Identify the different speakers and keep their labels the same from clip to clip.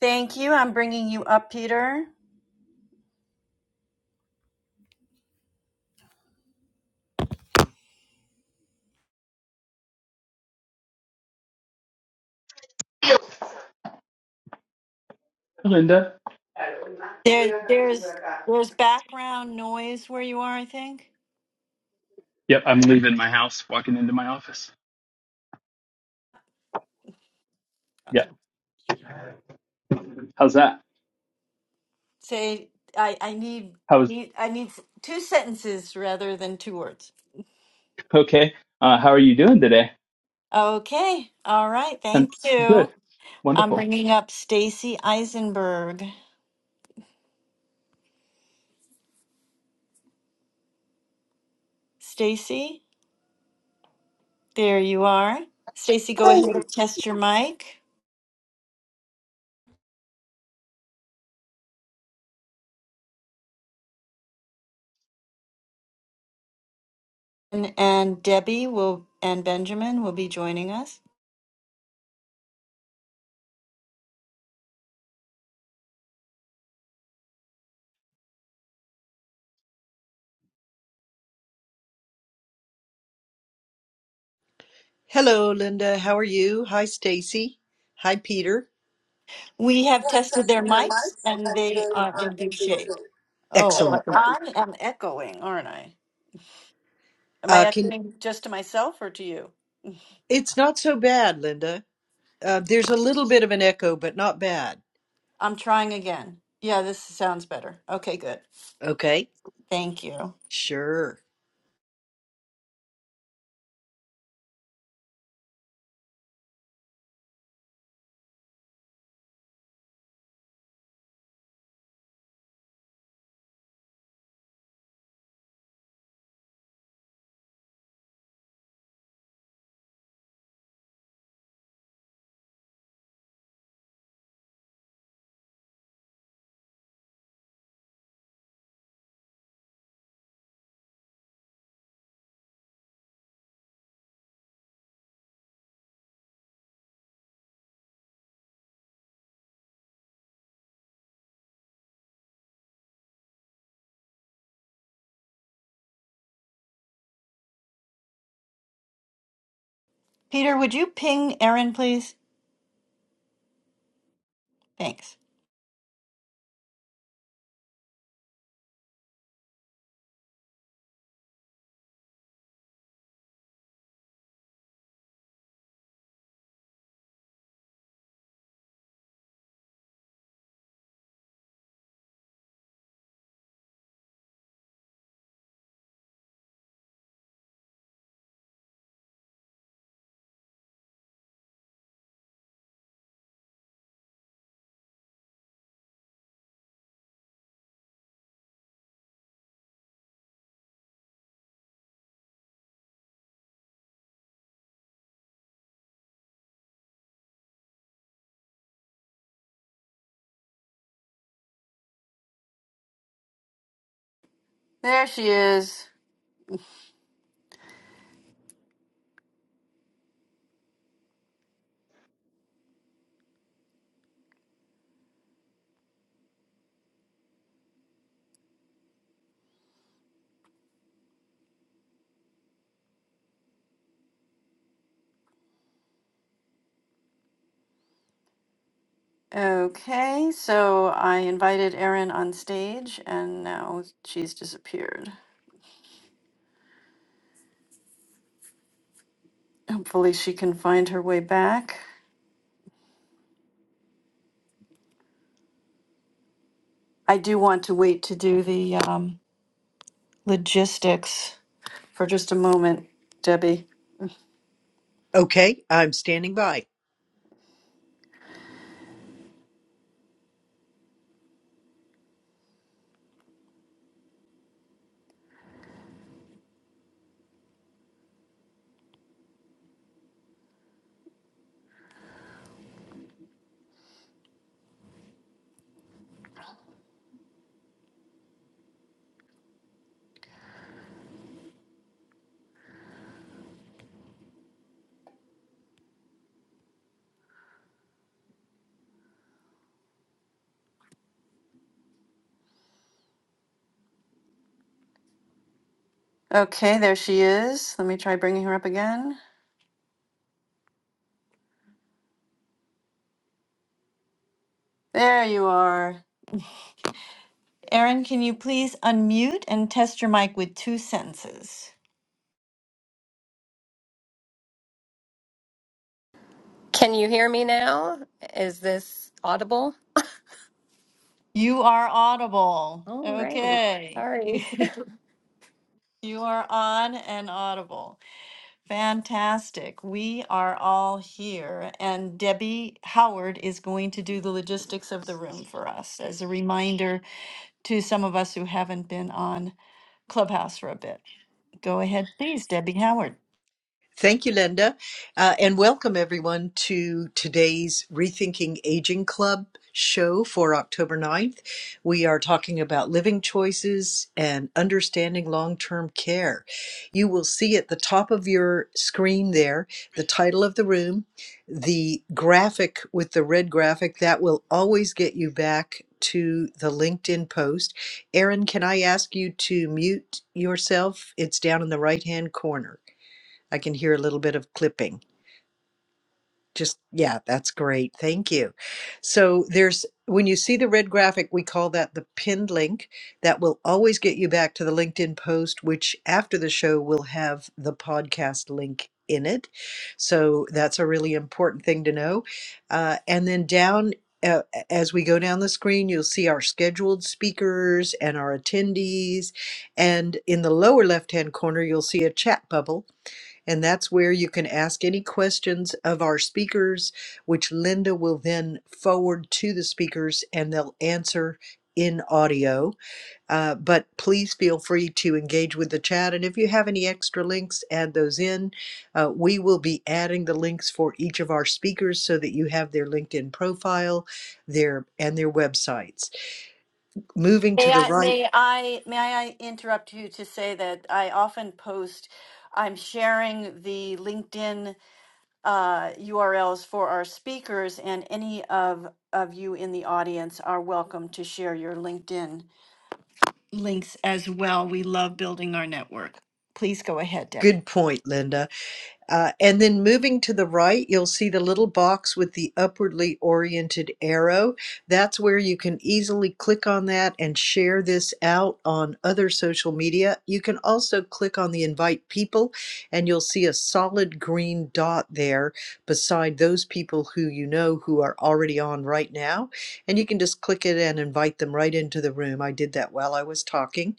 Speaker 1: Thank you. I'm bringing you up, Peter.
Speaker 2: Linda.
Speaker 1: There, there's there's background noise where you are, I think.
Speaker 2: Yep, I'm leaving my house, walking into my office. Yeah,
Speaker 1: Okay.
Speaker 2: how's that?
Speaker 1: Say, I I need
Speaker 2: How's
Speaker 1: need I need s- two sentences rather than two words.
Speaker 2: okay? Uh, how are you doing today?
Speaker 1: Okay. All right. Thank
Speaker 2: And
Speaker 1: you.
Speaker 2: good,
Speaker 1: I'm
Speaker 2: wonderful.
Speaker 1: bringing up Stacy Eisenberg. Stacy, there you are. Stacy, go ahead and test your mic. And, and Debbie will and Benjamin will be joining us.
Speaker 3: Hello, Linda. How are you? Hi, Stacy. Hi, Peter.
Speaker 1: We
Speaker 3: We
Speaker 1: have
Speaker 3: have
Speaker 1: tested their
Speaker 3: tested their
Speaker 1: mics
Speaker 3: mics
Speaker 1: and
Speaker 3: and
Speaker 1: they
Speaker 3: they
Speaker 1: are
Speaker 3: are
Speaker 1: in
Speaker 3: in
Speaker 1: good
Speaker 3: good
Speaker 1: shape.
Speaker 3: shape. Oh,
Speaker 1: Oh, but
Speaker 3: Excellent. but
Speaker 1: I am echoing, aren't I? Am I
Speaker 3: Uh, can
Speaker 1: echoing just to myself or to you?
Speaker 3: it's not so bad, Linda. Uh, there's a little bit of an echo, but not bad.
Speaker 1: I'm trying again. Yeah, this sounds better. Okay, good.
Speaker 3: Okay.
Speaker 1: Thank you.
Speaker 3: Sure.
Speaker 1: Peter, would you ping Erin, please? Thanks. There she is. Okay, so I invited Erin on stage and now she's disappeared. Hopefully she can find her way back. I do want to wait to do the um, logistics for just a moment, Debbie.
Speaker 3: Okay. I'm standing by.
Speaker 1: Okay, there she is. Let me try bringing her up again. There you are. Erin, can you please unmute and test your mic with two sentences?
Speaker 4: Can you hear me now? Is this audible?
Speaker 1: You are audible.
Speaker 4: All right.
Speaker 1: Okay.
Speaker 4: Sorry.
Speaker 1: you are on and audible. Fantastic. We are all here. And Debbie Howard is going to do the logistics of the room for us as a reminder to some of us who haven't been on Clubhouse for a bit. Go ahead, please, Debbie Howard.
Speaker 3: Thank you, Linda. Uh, and welcome everyone to today's Rethinking Aging Club show for October ninth. We are talking about living choices and understanding long term care. You will see at the top of your screen there the title of the room, the graphic with the red graphic that will always get you back. To the LinkedIn post. Erin, can I ask you to mute yourself? It's down in the right hand corner. I can hear a little bit of clipping. Just, yeah, that's great. Thank you. So there's, when you see the red graphic, we call that the pinned link. That will always get you back to the LinkedIn post, which after the show will have the podcast link in it. So that's a really important thing to know. Uh, and then down, uh, as we go down the screen, you'll see our scheduled speakers and our attendees. And in the lower left hand corner, you'll see a chat bubble and that's where you can ask any questions of our speakers, which Linda will then forward to the speakers and they'll answer in audio. Uh, but please feel free to engage with the chat. And if you have any extra links, add those in. Uh, we will be adding the links for each of our speakers so that you have their LinkedIn profile their, and their websites. Moving to
Speaker 1: May
Speaker 3: the
Speaker 1: I,
Speaker 3: right.
Speaker 1: may I, may I interrupt you to say that I often post, I'm sharing the LinkedIn uh, URLs for our speakers, and any of of you in the audience are welcome to share your LinkedIn links as well. We love building our network. Please go ahead, Debbie.
Speaker 3: Good point, Linda. Uh, and then moving to the right, you'll see the little box with the upwardly oriented arrow. That's where you can easily click on that and share this out on other social media. You can also click on the invite people, and you'll see a solid green dot there beside those people who you know who are already on right now. And you can just click it and invite them right into the room. I did that while I was talking.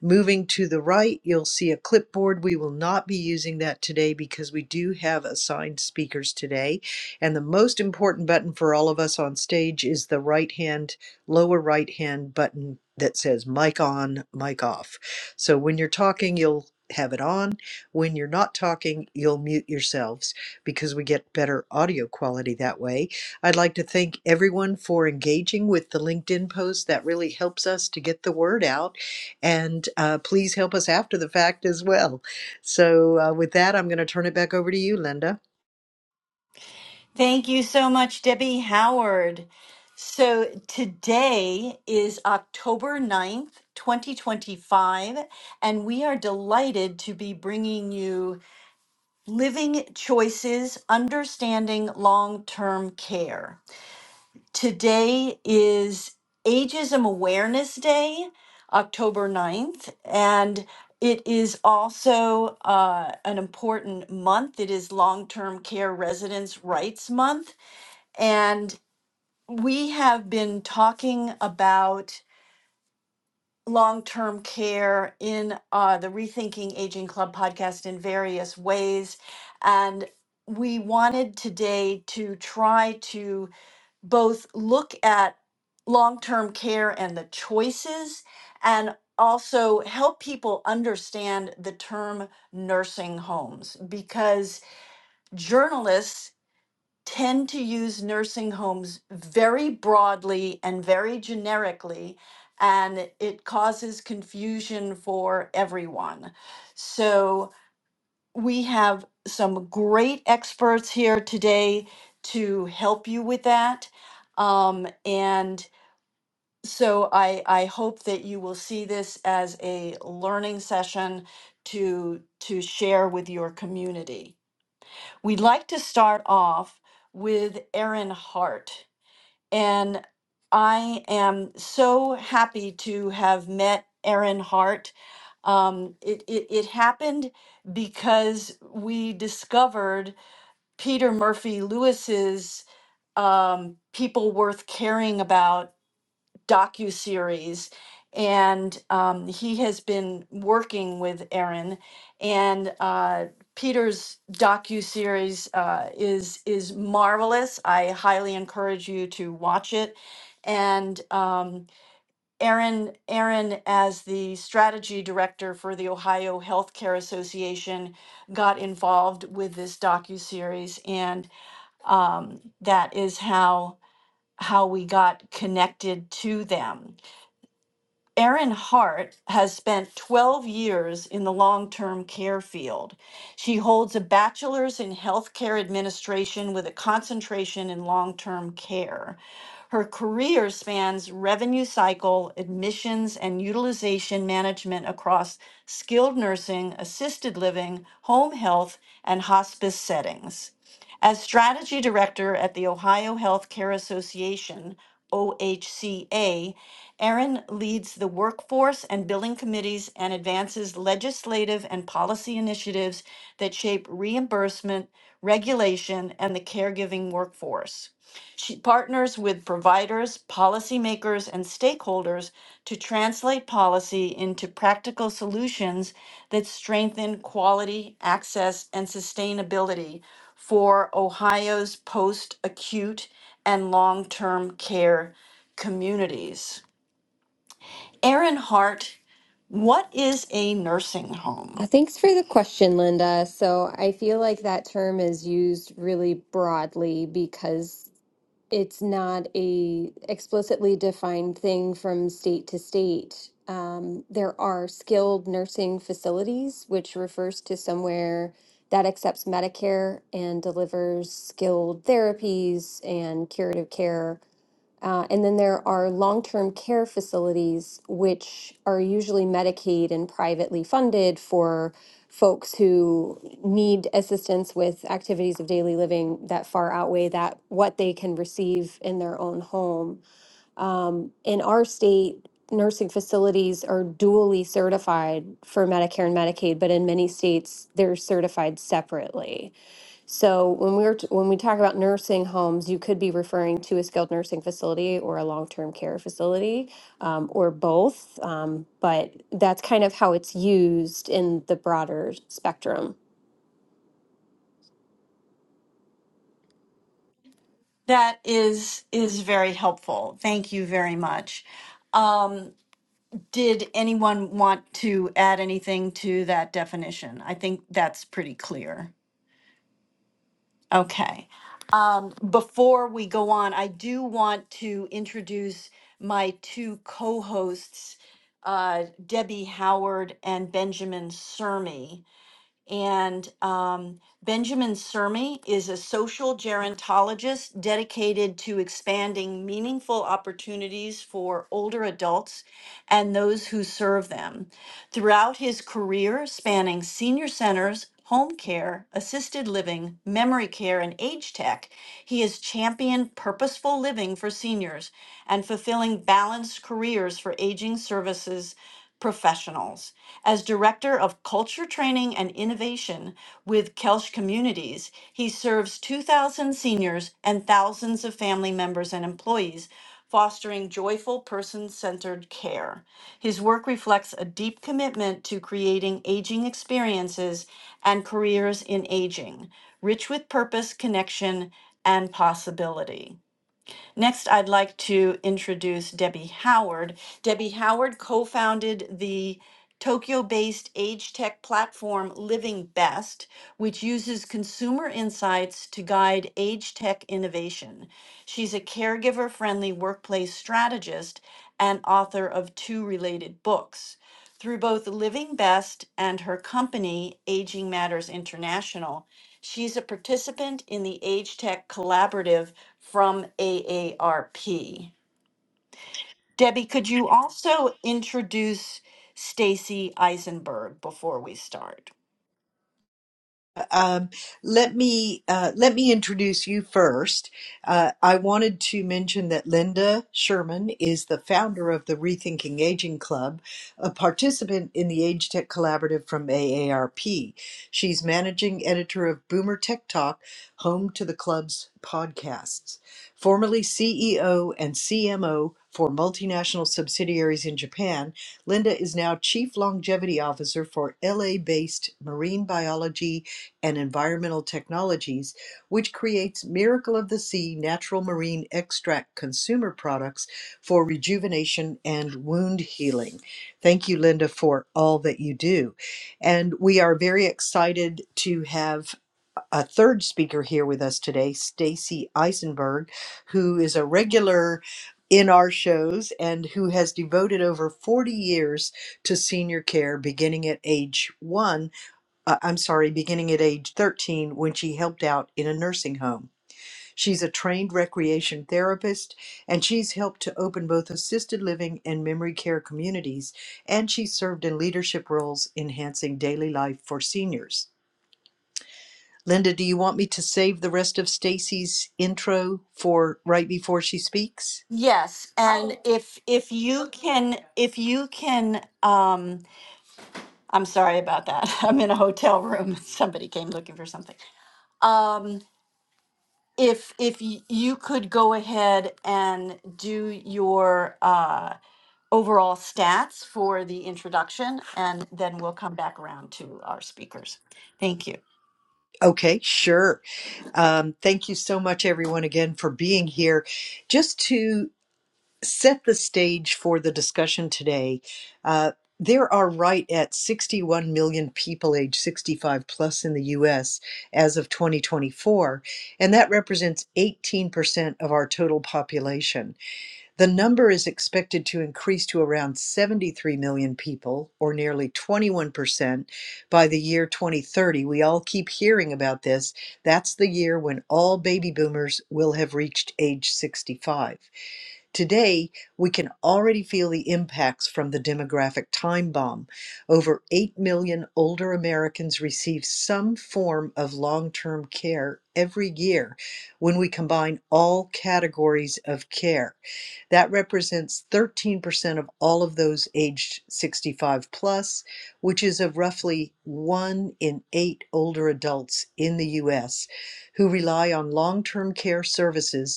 Speaker 3: Moving to the right, you'll see a clipboard. We will not be using that today because we do have assigned speakers today. And the most important button for all of us on stage is the right hand, lower right hand button that says mic on, mic off. So when you're talking, you'll have it on. When you're not talking, you'll mute yourselves because we get better audio quality that way. I'd like to thank everyone for engaging with the LinkedIn post. That really helps us to get the word out and uh, please help us after the fact as well. So, uh, with that, I'm going to turn it back over to you, Linda.
Speaker 1: Thank you so much, Debbie Howard. So today is October ninth, 2025, and we are delighted to be bringing you Living Choices Understanding Long Term Care. Today is Ageism Awareness Day, October ninth, and it is also uh, an important month. It is Long Term Care Residents' Rights Month. And we have been talking about long term care in uh, the Rethinking Aging Club podcast in various ways. And we wanted today to try to both look at long term care and the choices and also help people understand the term nursing homes because journalists tend to use nursing homes very broadly and very generically, and it causes confusion for everyone. So, we have some great experts here today to help you with that. Um, and so, I, I hope that you will see this as a learning session to, to share with your community. We'd like to start off with Erin Hart. And I am so happy to have met Erin Hart. Um, it, it, it happened because we discovered Peter Murphy Lewis's um, People Worth Caring About docu-series and um, he has been working with aaron and uh, peter's docu-series uh, is is marvelous i highly encourage you to watch it and um, aaron aaron as the strategy director for the ohio healthcare association got involved with this docu-series and um, that is how how we got connected to them Erin Hart has spent 12 years in the long term care field. She holds a bachelor's in healthcare administration with a concentration in long term care. Her career spans revenue cycle, admissions, and utilization management across skilled nursing, assisted living, home health, and hospice settings. As strategy director at the Ohio Healthcare Association, OHCA, Erin leads the workforce and billing committees and advances legislative and policy initiatives that shape reimbursement, regulation, and the caregiving workforce. She partners with providers, policymakers, and stakeholders to translate policy into practical solutions that strengthen quality, access, and sustainability for Ohio's post acute and long term care communities. Aaron Hart, what is a nursing
Speaker 4: Uh,
Speaker 1: home?
Speaker 4: Thanks for the question, Linda. So I feel like that term is used really broadly because it's not a explicitly defined thing from state to state. Um, there are skilled nursing facilities, which refers to somewhere that accepts Medicare and delivers skilled therapies and curative care Uh, and then there are long term care facilities, which are usually Medicaid and privately funded for folks who need assistance with activities of daily living that far outweigh that what they can receive in their own home. Um, in our state, nursing facilities are dually certified for Medicare and Medicaid, but in many states, they're certified separately. So when we're t- when we talk about nursing homes, you could be referring to a skilled nursing facility or a long-term care facility um, or both. Um, but that's kind of how it's used in the broader spectrum.
Speaker 1: That is is very helpful. Thank you very much. Um, did anyone want to add anything to that definition? I think that's pretty clear. Okay. Um, before we go on, I do want to introduce my two co-hosts, uh, Debbie Howard and Benjamin Sermi. And um, Benjamin Sermi is a social gerontologist dedicated to expanding meaningful opportunities for older adults and those who serve them. Throughout his career, spanning senior centers, home care, assisted living, memory care, and age tech, he has championed purposeful living for seniors and fulfilling balanced careers for aging services professionals. As Director of Culture Training and Innovation with Kelsch Communities, he serves 2,000 seniors and thousands of family members and employees, fostering joyful, person centered care. His work reflects a deep commitment to creating aging experiences and careers in aging, rich with purpose, connection, and possibility. Next, I'd like to introduce Debbie Howard. Debbie Howard co-founded the Tokyo-based age tech platform Living Best, which uses consumer insights to guide age tech innovation. She's a caregiver-friendly workplace strategist and author of two related books. Through both Living Best and her company, Aging Matters International, she's a participant in the Age Tech Collaborative from AARP. Debbie, could you also introduce Stacy Eisenberg before we start?
Speaker 3: Um, let me uh, let me introduce you first. Uh, I wanted to mention that Linda Sherman is the founder of the Rethinking Aging Club, a participant in the Age Tech Collaborative from AARP. She's managing editor of Boomer Tech Talk, home to the club's podcasts. Formerly CEO and CMO for multinational subsidiaries in Japan, Linda is now Chief Longevity Officer for LA based marine biology and environmental technologies, which creates Miracle of the Sea natural marine extract consumer products for rejuvenation and wound healing. Thank you, Linda, for all that you do. And we are very excited to have a third speaker here with us today, Stacy Eisenberg, who is a regular in our shows and who has devoted over 40 years to senior care beginning at age 1 uh, I'm sorry, beginning at age 13 when she helped out in a nursing home. She's a trained recreation therapist and she's helped to open both assisted living and memory care communities, and she served in leadership roles enhancing daily life for seniors. Linda, do you want me to save the rest of Stacy's intro for right before she speaks?
Speaker 1: Yes, and Oh. if if you can if you can um I'm sorry about that. I'm in a hotel room. Somebody came looking for something. Um, if if y- you could go ahead and do your uh, overall stats for the introduction, and then we'll come back around to our speakers. Thank you.
Speaker 3: Okay, sure. Um, thank you so much, everyone, again for being here. Just to set the stage for the discussion today. Uh, there are right at 61 million people age 65 plus in the US as of 2024, and that represents 18% of our total population. The number is expected to increase to around 73 million people, or nearly 21%, by the year 2030. We all keep hearing about this. That's the year when all baby boomers will have reached age 65. Today, we can already feel the impacts from the demographic time bomb. Over 8 million older Americans receive some form of long term care every year when we combine all categories of care. That represents 13% of all of those aged 65 plus, which is of roughly one in eight older adults in the U.S. who rely on long term care services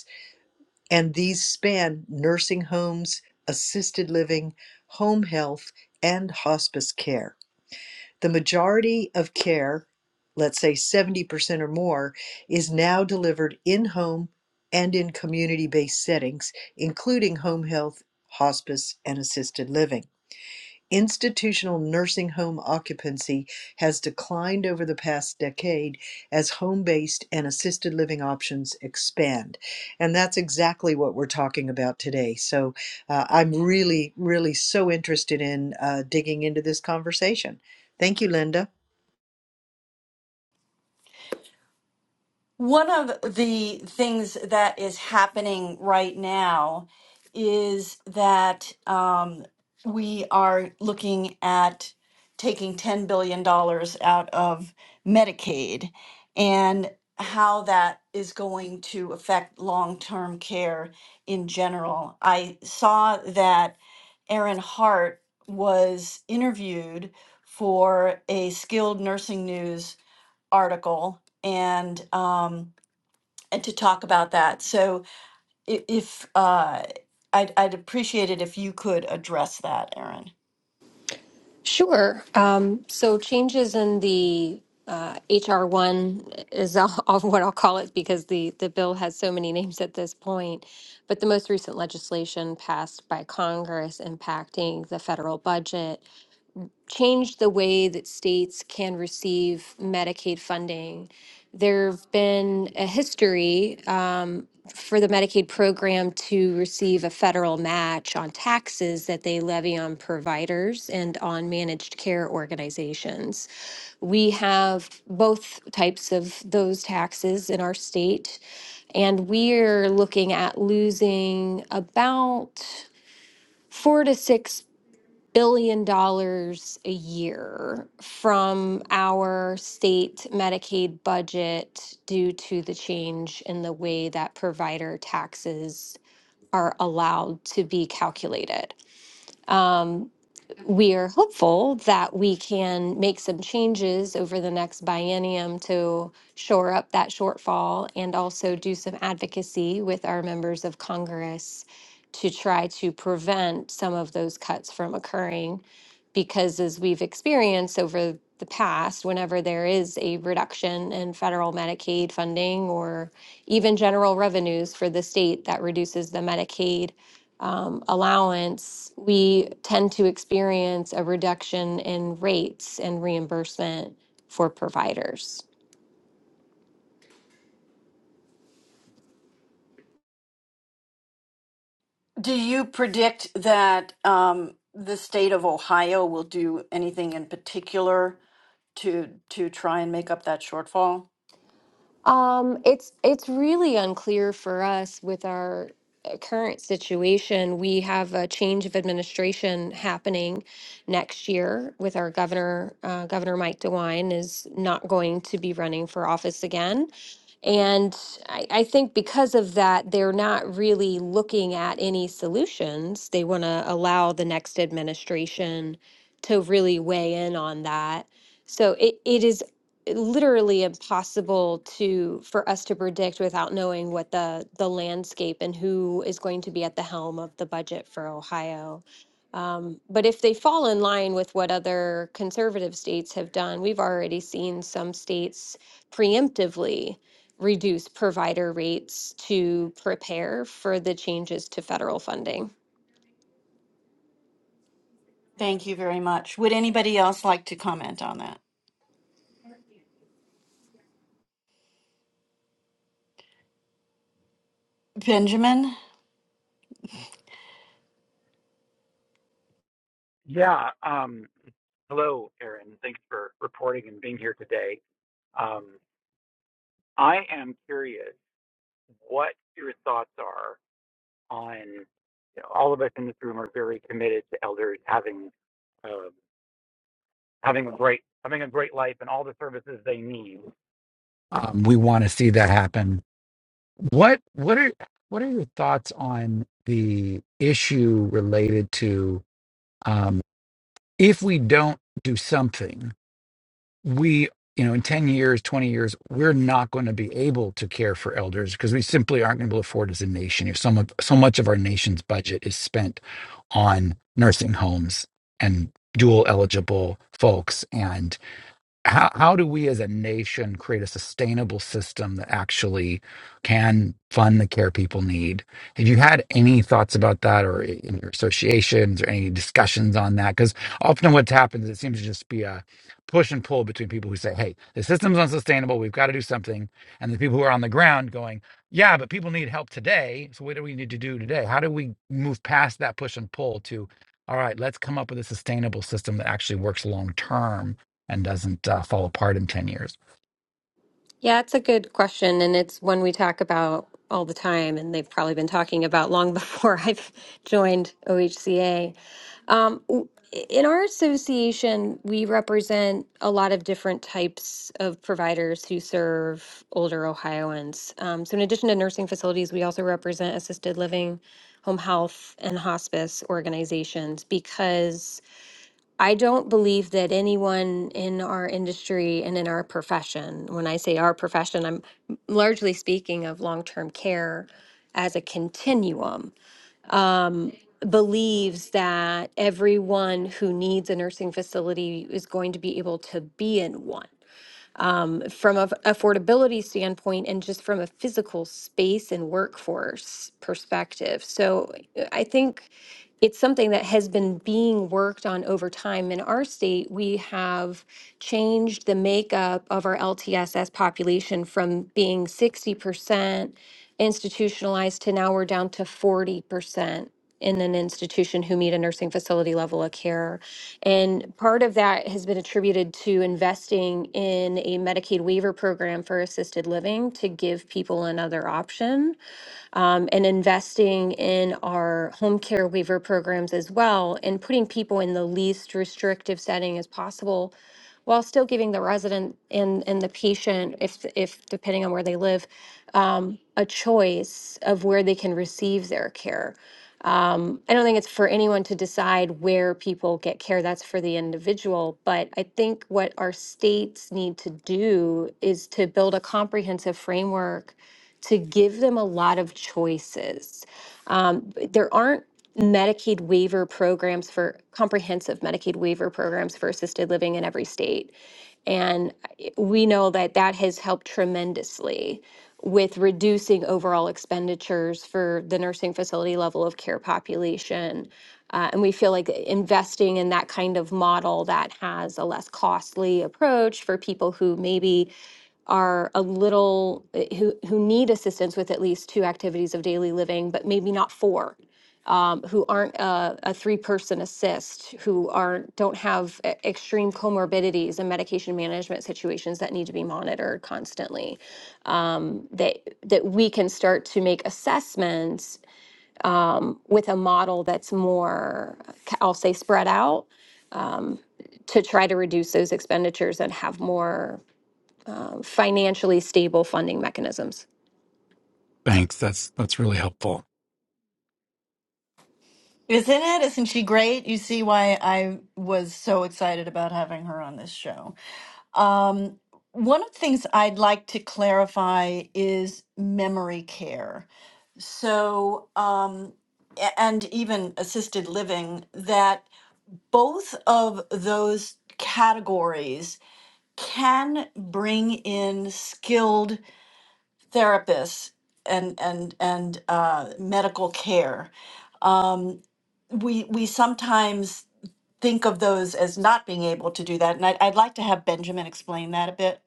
Speaker 3: and these span nursing homes, assisted living, home health, and hospice care. The majority of care, let's say 70% or more, is now delivered in home and in community based settings, including home health, hospice, and assisted living. Institutional nursing home occupancy has declined over the past decade as home based and assisted living options expand. And that's exactly what we're talking about today. So uh, I'm really, really so interested in uh, digging into this conversation. Thank you, Linda.
Speaker 1: One of the things that is happening right now is that um, we are looking at taking $10 billion dollars out of Medicaid and how that is going to affect long term care in general. I saw that Erin Hart was interviewed for a skilled nursing news article and. Um, and to talk about that. So i- if uh, I'd, I'd appreciate it if you could address that, Aaron.
Speaker 4: Sure. Um, so changes in the uh, HR one is all, all what I'll call it because the the bill has so many names at this point. But the most recent legislation passed by Congress impacting the federal budget changed the way that states can receive Medicaid funding. There've been a history um, for the Medicaid program to receive a federal match on taxes that they levy on providers and on managed care organizations. We have both types of those taxes in our state, and we're looking at losing about four to 6 billion dollars a year from our state Medicaid budget due to the change in the way that provider taxes are allowed to be calculated. We are hopeful that we can make some changes over the next biennium to shore up that shortfall and also do some advocacy with our members of Congress to try to prevent some of those cuts from occurring. Because as we've experienced over the past, whenever there is a reduction in federal Medicaid funding or even general revenues for the state that reduces the Medicaid um, allowance, we tend to experience a reduction in rates and reimbursement for providers.
Speaker 1: Do you predict that um, the state of Ohio will do anything in particular to to try and make up that shortfall?
Speaker 4: Um, it's it's really unclear for us with our uh, current situation. We have a change of administration happening next year with our governor. Uh, governor Mike DeWine is not going to be running for office again. And I, I think because of that, they're not really looking at any solutions. They want to allow the next administration to really weigh in on that. So it, it is literally impossible to for us to predict without knowing what the the landscape and who is going to be at the helm of the budget for Ohio. Um, but if they fall in line with what other conservative states have done, we've already seen some states preemptively reduce provider rates to prepare for the changes to federal funding.
Speaker 1: Thank you very much. Would anybody else like to comment on that? Benjamin,
Speaker 5: Yeah. Um, hello, Aaron. Thanks for reporting and being here today. Um, I am curious what your thoughts are on. You know, all of us in this room are very committed to elders having uh, having a great having a great life and all the services they need. Um, we want to see that happen. What what are what are your thoughts on the issue related to um, if we don't do something? we you know in 10 years 20 years we're not going to be able to care for elders because we simply aren't going to be able to afford as a nation if so much, so much of our nation's budget is spent on nursing homes and dual eligible folks and how how do we as a nation create a sustainable system that actually can fund the care people need? Have you had any thoughts about that, or in your associations, or any discussions on that? Because often what happens, it seems to just be a push and pull between people who say, "Hey, the system's unsustainable. We've got to do something," and the people who are on the ground going, "Yeah, but people need help today. So what do we need to do today? How do we move past that push and pull to?" All right, let's come up with a sustainable system that actually works long term and doesn't uh, fall apart in 10 years.
Speaker 4: Yeah, it's a good question, and it's one we talk about all the time, and they've probably been talking about long before I've joined OHCA. Um, w- in our association, we represent a lot of different types of providers who serve older Ohioans. Um, so, in addition to nursing facilities, we also represent assisted living, home health, and hospice organizations because I don't believe that anyone in our industry and in our profession, when I say our profession, I'm largely speaking of long term care as a continuum, believes that everyone who needs a nursing facility is going to be able to be in one from a affordability standpoint and just from a physical space and workforce perspective. So uh, I think it's something that has been being worked on over time. In our state, we have changed the makeup of our LTSS population from being 60% institutionalized to now we're down to 40% in an institution who meet a nursing facility level of care. And part of that has been attributed to investing in a Medicaid waiver program for assisted living to give people another option, um, and investing in our home care waiver programs as well, and putting people in the least restrictive setting as possible while still giving the resident and, and the patient, if, if depending on where they live, um, a choice of where they can receive their care. Um, I don't think it's for anyone to decide where people get care. That's for the individual. But I think what our states need to do is to build a comprehensive framework to give them a lot of choices um, there aren't Medicaid waiver programs for comprehensive Medicaid waiver programs for assisted living in every state. And I- we know that that has helped tremendously with reducing overall expenditures for the nursing facility level of care population. Uh, and we feel like investing in that kind of model that has a less costly approach for people who maybe are a little eh, who who need assistance with at least two activities of daily living, but maybe not four, um, who aren't a, a three-person assist, who are don't have e- extreme comorbidities and medication management situations that need to be monitored constantly. That that we can start to make assessments with a model that's more, I'll say, spread out to try to reduce those expenditures and have more financially stable funding mechanisms.
Speaker 5: Thanks. That's that's really helpful.
Speaker 1: isn't it? Isn't she great? You see why I was so excited about having her on this show. Um, one of the things I'd like to clarify is memory care. So, um, a- and even assisted living, that both of those categories can bring in skilled therapists and and and uh, medical care. Um, we we sometimes think of those as not being able to do that, and I'd, I'd like to have Benjamin explain that a bit.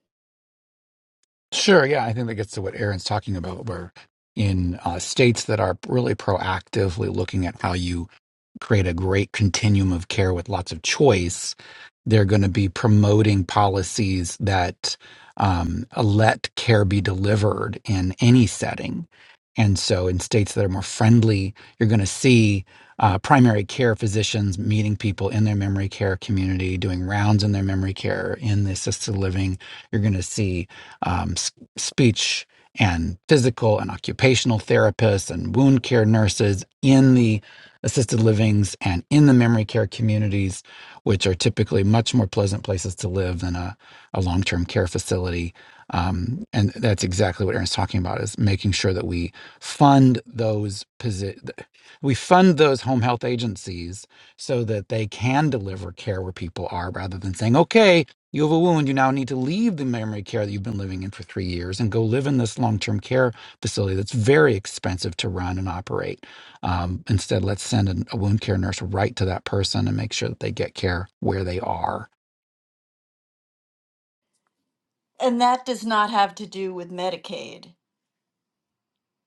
Speaker 5: Sure. Yeah. I think that gets to what Aaron's talking about, where in uh, states that are really proactively looking at how you create a great continuum of care with lots of choice, they're going to be promoting policies that um, let care be delivered in any setting. And so, in states that are more friendly, you're going to see uh, primary care physicians meeting people in their memory care community, doing rounds in their memory care, in the assisted living. You're going to see um, s- speech and physical and occupational therapists and wound care nurses in the assisted livings and in the memory care communities, which are typically much more pleasant places to live than a, a long term care facility. Um, and that's exactly what Aaron's talking about is making sure that we fund those posi- we fund those home health agencies so that they can deliver care where people are rather than saying, okay, you have a wound, you now need to leave the memory care that you've been living in for three years and go live in this long term care facility that's very expensive to run and operate um, instead, let's send an, a wound care nurse right to that person and make sure that they get care where they are.
Speaker 1: And that does not have to do with Medicaid.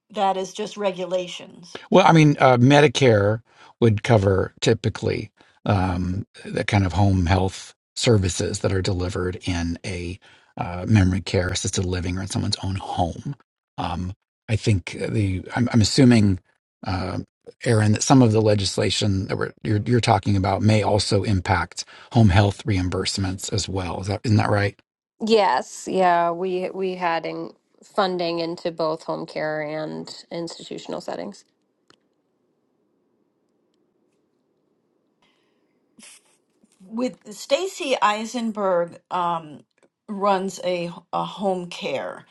Speaker 1: That is just regulations.
Speaker 5: Well, I mean, uh, Medicare would cover typically um, the kind of home health services that are delivered in a uh, memory care, assisted living, or in someone's own home. Um, I think the I'm, I'm assuming, uh, Aaron, that some of the legislation that we're, you're, you're talking about may also impact home health reimbursements as well. Is that isn't that right?
Speaker 4: Yes, yeah, we we had in funding into both home care and institutional settings.
Speaker 1: With Stacy Eisenberg um, runs a, a home care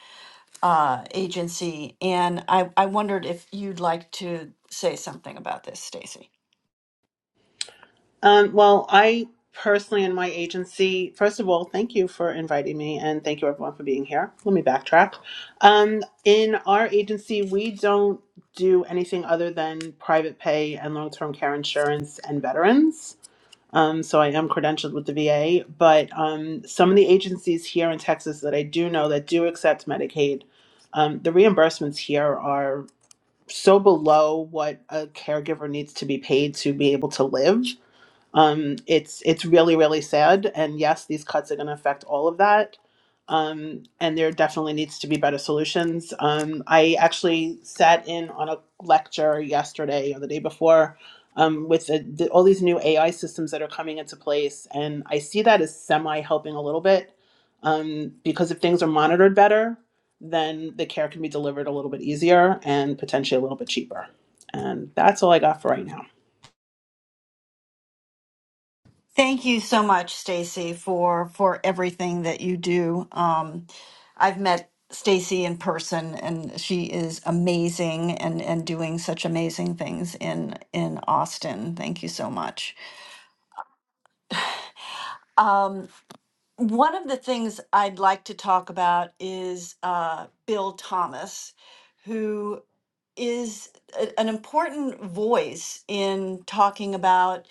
Speaker 1: uh, agency, and I, I wondered if you'd like to say something about this, Stacy.
Speaker 6: Um, well, I personally, in my agency, first of all, thank you for inviting me and thank you everyone for being here. Let me backtrack. Um, in our agency, we don't do anything other than private pay and long term care insurance and veterans. Um, so I am credentialed with the VA, but um, some of the agencies here in Texas that I do know that do accept Medicaid, um, the reimbursements here are so below what a caregiver needs to be paid to be able to live Um, it's it's really really sad, and yes, these cuts are going to affect all of that. Um, and there definitely needs to be better solutions. Um, I actually sat in on a lecture yesterday or the day before um, with the, the, all these new AI systems that are coming into place, and I see that as semi helping a little bit um, because if things are monitored better, then the care can be delivered a little bit easier and potentially a little bit cheaper. And that's all I got for right now.
Speaker 1: Thank you so much, Stacy, for for everything that you do. Um, I've met Stacy in person, and she is amazing and and doing such amazing things in in Austin. Thank you so much. Um, one of the things I'd like to talk about is uh, Bill Thomas, who is a- an important voice in talking about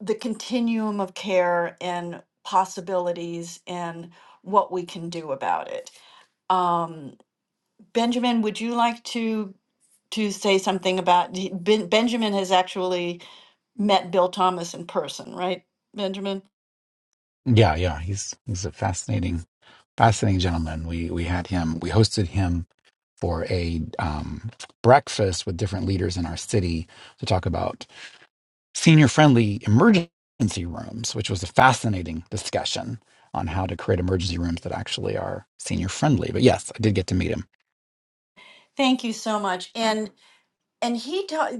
Speaker 1: the continuum of care and possibilities and what we can do about it. Um, Benjamin, would you like to to say something about he- ben, Benjamin has actually met Bill Thomas in person, right, Benjamin?
Speaker 5: Yeah, yeah, he's he's a fascinating, fascinating gentleman. We we had him, we hosted him for a um, breakfast with different leaders in our city to talk about senior-friendly emergency rooms, which was a fascinating discussion on how to create emergency rooms that actually are senior-friendly. But yes, I did get to meet him.
Speaker 1: Thank you so much. And. and he taught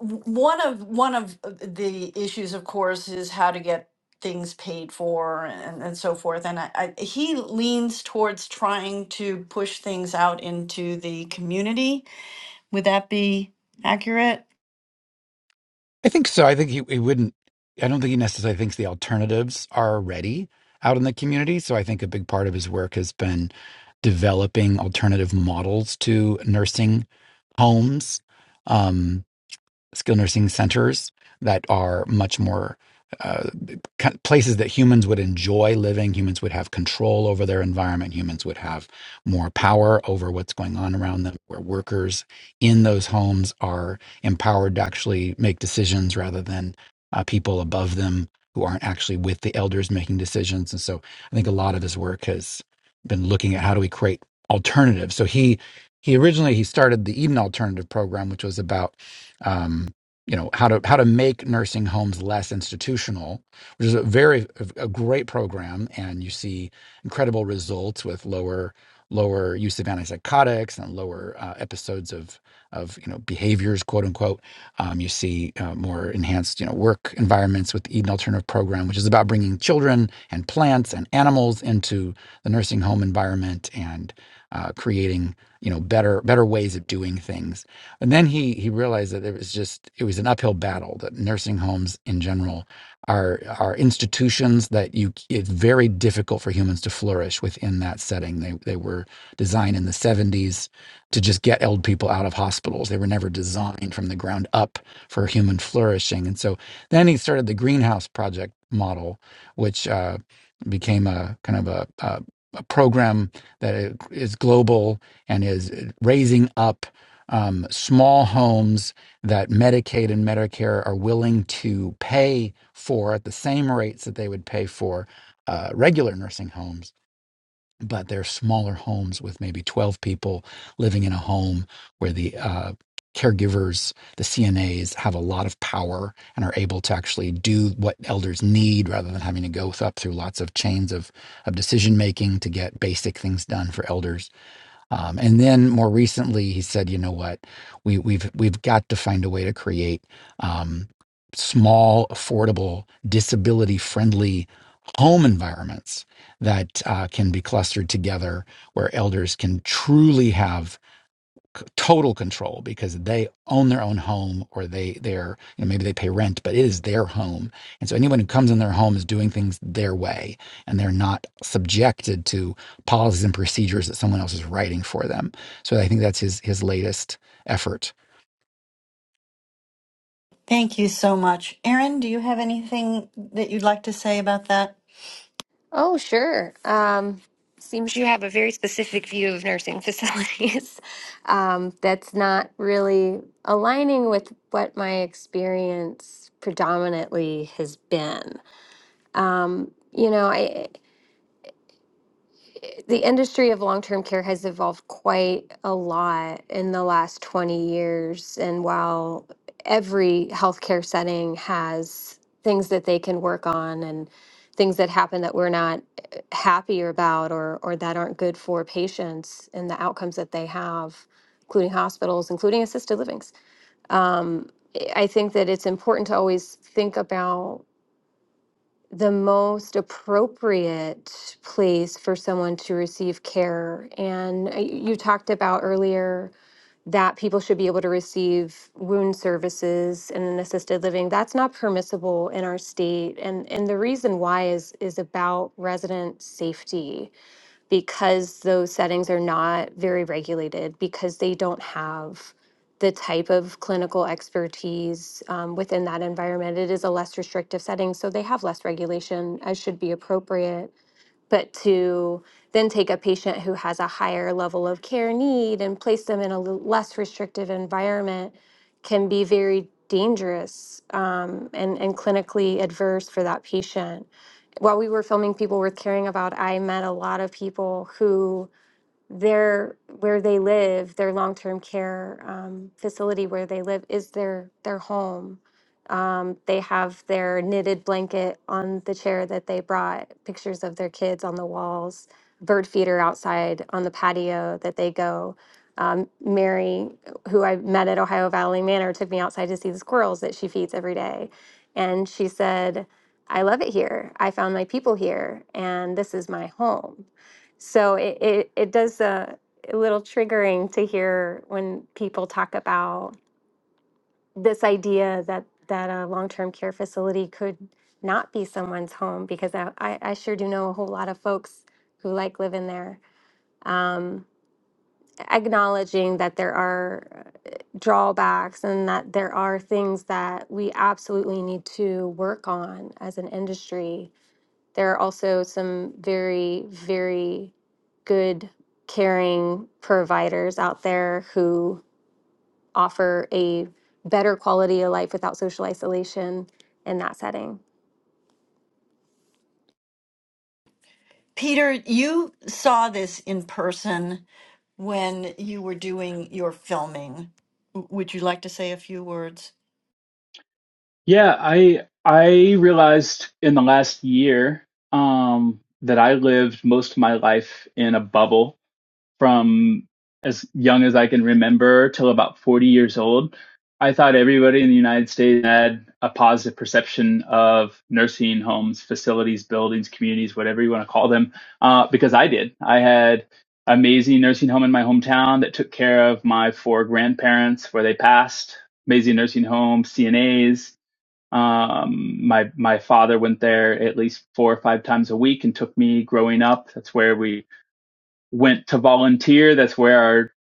Speaker 1: one of one of uh, the issues of course is how to get things paid for and, and so forth and I, I, he leans towards trying to push things out into the community would that be accurate
Speaker 5: I think so. I think he, he wouldn't. I don't think he necessarily thinks the alternatives are ready out in the community. So I think a big part of his work has been developing alternative models to nursing homes. Um, skilled nursing centers that are much more uh, places that humans would enjoy living. Humans would have control over their environment. Humans would have more power over what's going on around them, where workers in those homes are empowered to actually make decisions rather than uh, people above them who aren't actually with the elders making decisions. And so I think a lot of his work has been looking at how do we create alternatives. So he he originally he started the Eden Alternative Program, which was about um, you know how to how to make nursing homes less institutional, which is a very a great program, and you see incredible results with lower lower use of antipsychotics and lower uh, episodes of of you know behaviors quote unquote. Um, you see uh, more enhanced you know work environments with the Eden Alternative Program, which is about bringing children and plants and animals into the nursing home environment and uh, creating you know better better ways of doing things and then he he realized that it was just it was an uphill battle. That nursing homes in general are are institutions that you it's very difficult for humans to flourish within that setting. They they were designed in the 70s to just get old people out of hospitals. They were never designed from the ground up for human flourishing. And so then he started the greenhouse project model, which uh, became a kind of a, a a program that is global and is raising up um, small homes that Medicaid and Medicare are willing to pay for at the same rates that they would pay for uh, regular nursing homes. But they're smaller homes with maybe 12 people living in a home where the uh, caregivers, the CNAs, have a lot of power and are able to actually do what elders need rather than having to go th- up through lots of chains of, of decision making to get basic things done for elders um, and then more recently, he said, "You know what? We, we've we've got to find a way to create um, small, affordable, disability-friendly home environments that uh, can be clustered together, where elders can truly have." c- total control because they own their own home or they they're you know maybe they pay rent but it is their home and so anyone who comes in their home is doing things their way and they're not subjected to policies and procedures that someone else is writing for them so i think that's his his latest effort
Speaker 1: thank you so much aaron do you have anything that you'd like to say about that
Speaker 4: Oh, sure. Um, seems you have a very specific view of nursing facilities. Um, that's not really aligning with what my experience predominantly has been. You know, I the industry of long-term care has evolved quite a lot in the last 20 years and while every healthcare setting has things that they can work on and things that happen that we're not eh, happier about or or that aren't good for patients and the outcomes that they have including hospitals including assisted livings um, i I think that it's important to always think about the most appropriate place for someone to receive care. And uh, you talked about earlier that people should be able to receive wound services and an assisted living. That's not permissible in our state. And and the reason why is is about resident safety because those settings are not very regulated, because they don't have the type of clinical expertise um, within that environment. It is a less restrictive setting, so they have less regulation as should be appropriate but to then take a patient who has a higher level of care need and place them in a l- less restrictive environment can be very dangerous um, and, and clinically adverse for that patient. While we were filming People Worth Caring About, I met a lot of people who their where they live, their long-term care um, facility where they live is their their home. Um, they have their knitted blanket on the chair that they brought, pictures of their kids on the walls, bird feeder outside on the patio that they go. Um, Mary, who I met at Ohio Valley Manor, took me outside to see the squirrels that she feeds every day. And she said, I love it here. I found my people here, and this is my home so it, it, it does a, a little triggering to hear when people talk about this idea that, that a long term care facility could not be someone's home because I, I, I sure do know a whole lot of folks who like living there. Um, acknowledging that there are uh, drawbacks and that there are things that we absolutely need to work on as an industry there are also some very, very good, caring providers out there who offer a better quality of life without social isolation in that setting.
Speaker 1: peter you saw this in person when you were doing your filming W- would you like to say a few words
Speaker 2: Yeah, I I realized in the last year um, that I lived most of my life in a bubble from as young as I can remember till about 40 years old, I thought everybody in the United States had a positive perception of nursing homes, facilities, buildings, communities, whatever you want to call them, uh, because I did. I had an amazing nursing home in my hometown that took care of my four grandparents where they passed. Amazing nursing home, CNAs. Um, my my father went there at least four or five times a week and took me growing up. That's where we went to volunteer. That's where our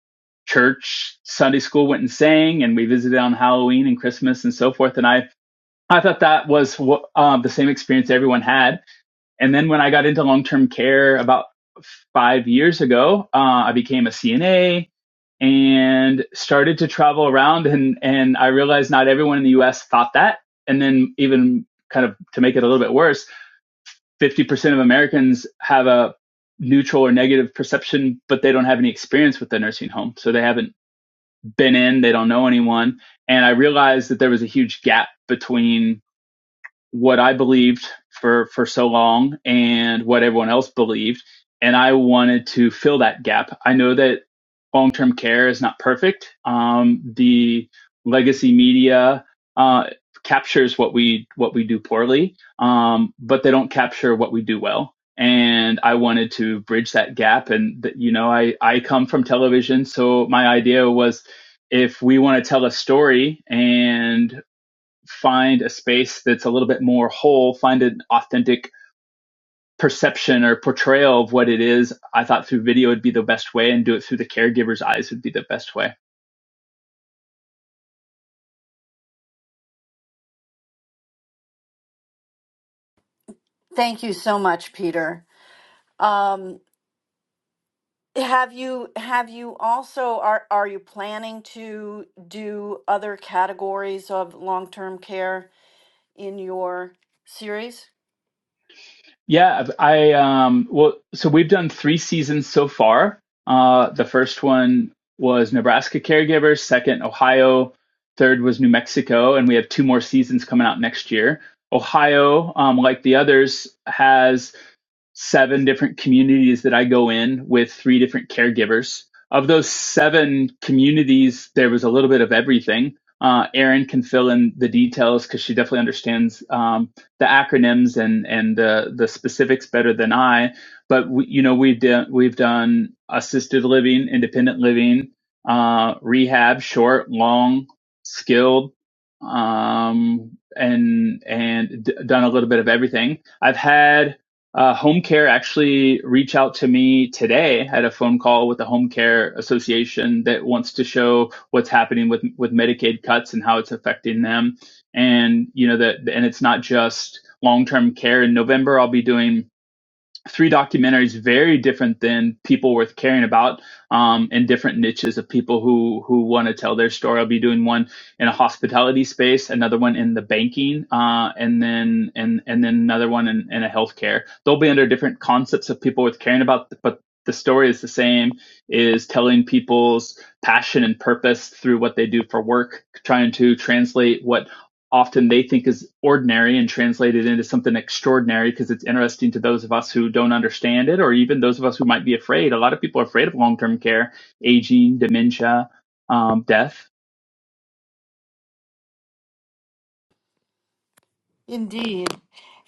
Speaker 2: church Sunday school went and sang, and we visited on Halloween and Christmas and so forth. And I, I thought that was what, uh, the same experience everyone had. And then when I got into long term care about five years ago, uh, I became a CNA and started to travel around. And, and I realized not everyone in the US thought that. And then even kind of to make it a little bit worse, 50% of Americans have a neutral or negative perception, but they don't have any experience with the nursing home. So they haven't been in, they don't know anyone. And I realized that there was a huge gap between what I believed for for so long and what everyone else believed and I wanted to fill that gap. I know that long-term care is not perfect. Um, the legacy media uh, captures what we what we do poorly, um, but they don't capture what we do well. And I wanted to bridge that gap. And you know, I I come from television, so my idea was if we want to tell a story and find a space that's a little bit more whole, find an authentic perception or portrayal of what it is, I thought through video would be the best way and do it through the caregiver's eyes would be the best way.
Speaker 1: Thank you so much, Peter. Um, have you have you also are are you planning to do other categories of long-term care in your series?
Speaker 2: Yeah, I um well so we've done 3 seasons so far. Uh the first one was Nebraska caregivers, second Ohio, third was New Mexico and we have two more seasons coming out next year. Ohio, um, like the others, has seven different communities that I go in with three different caregivers. Of those seven communities, there was a little bit of everything. Uh, Erin can fill in the details because she definitely understands um, the acronyms and and the the specifics better than I. But we, you know we've done we've done assisted living, independent living, uh, rehab, short, long, skilled, um, and and d- done a little bit of everything. I've had uh, home care actually reached out to me today. I had a phone call with the Home Care Association that wants to show what's happening with with Medicaid cuts and how it's affecting them. And you know that, and it's not just long term care. In November, I'll be doing three documentaries very different than people worth caring about um, in different niches of people who who want to tell their story i'll be doing one in a hospitality space another one in the banking uh, and then and and then another one in, in a healthcare they'll be under different concepts of people worth caring about but the story is the same is telling people's passion and purpose through what they do for work trying to translate what often they think is ordinary and translated into something extraordinary because it's interesting to those of us who don't understand it or even those of us who might be afraid. A lot of people are afraid of long term care, aging, dementia, um, death
Speaker 1: Indeed.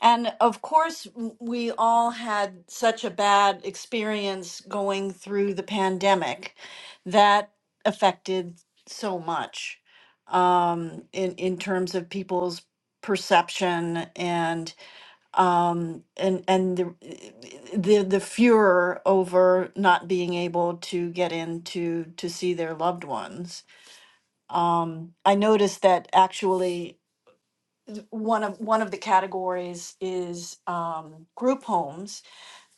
Speaker 1: And of course, w- we all had such a bad experience going through the pandemic that affected so much um, in in terms of people's perception and. um, and and the the the furor over not being able to get in to to see their loved ones. Um, I noticed that actually th- one of one of the categories is um, group homes,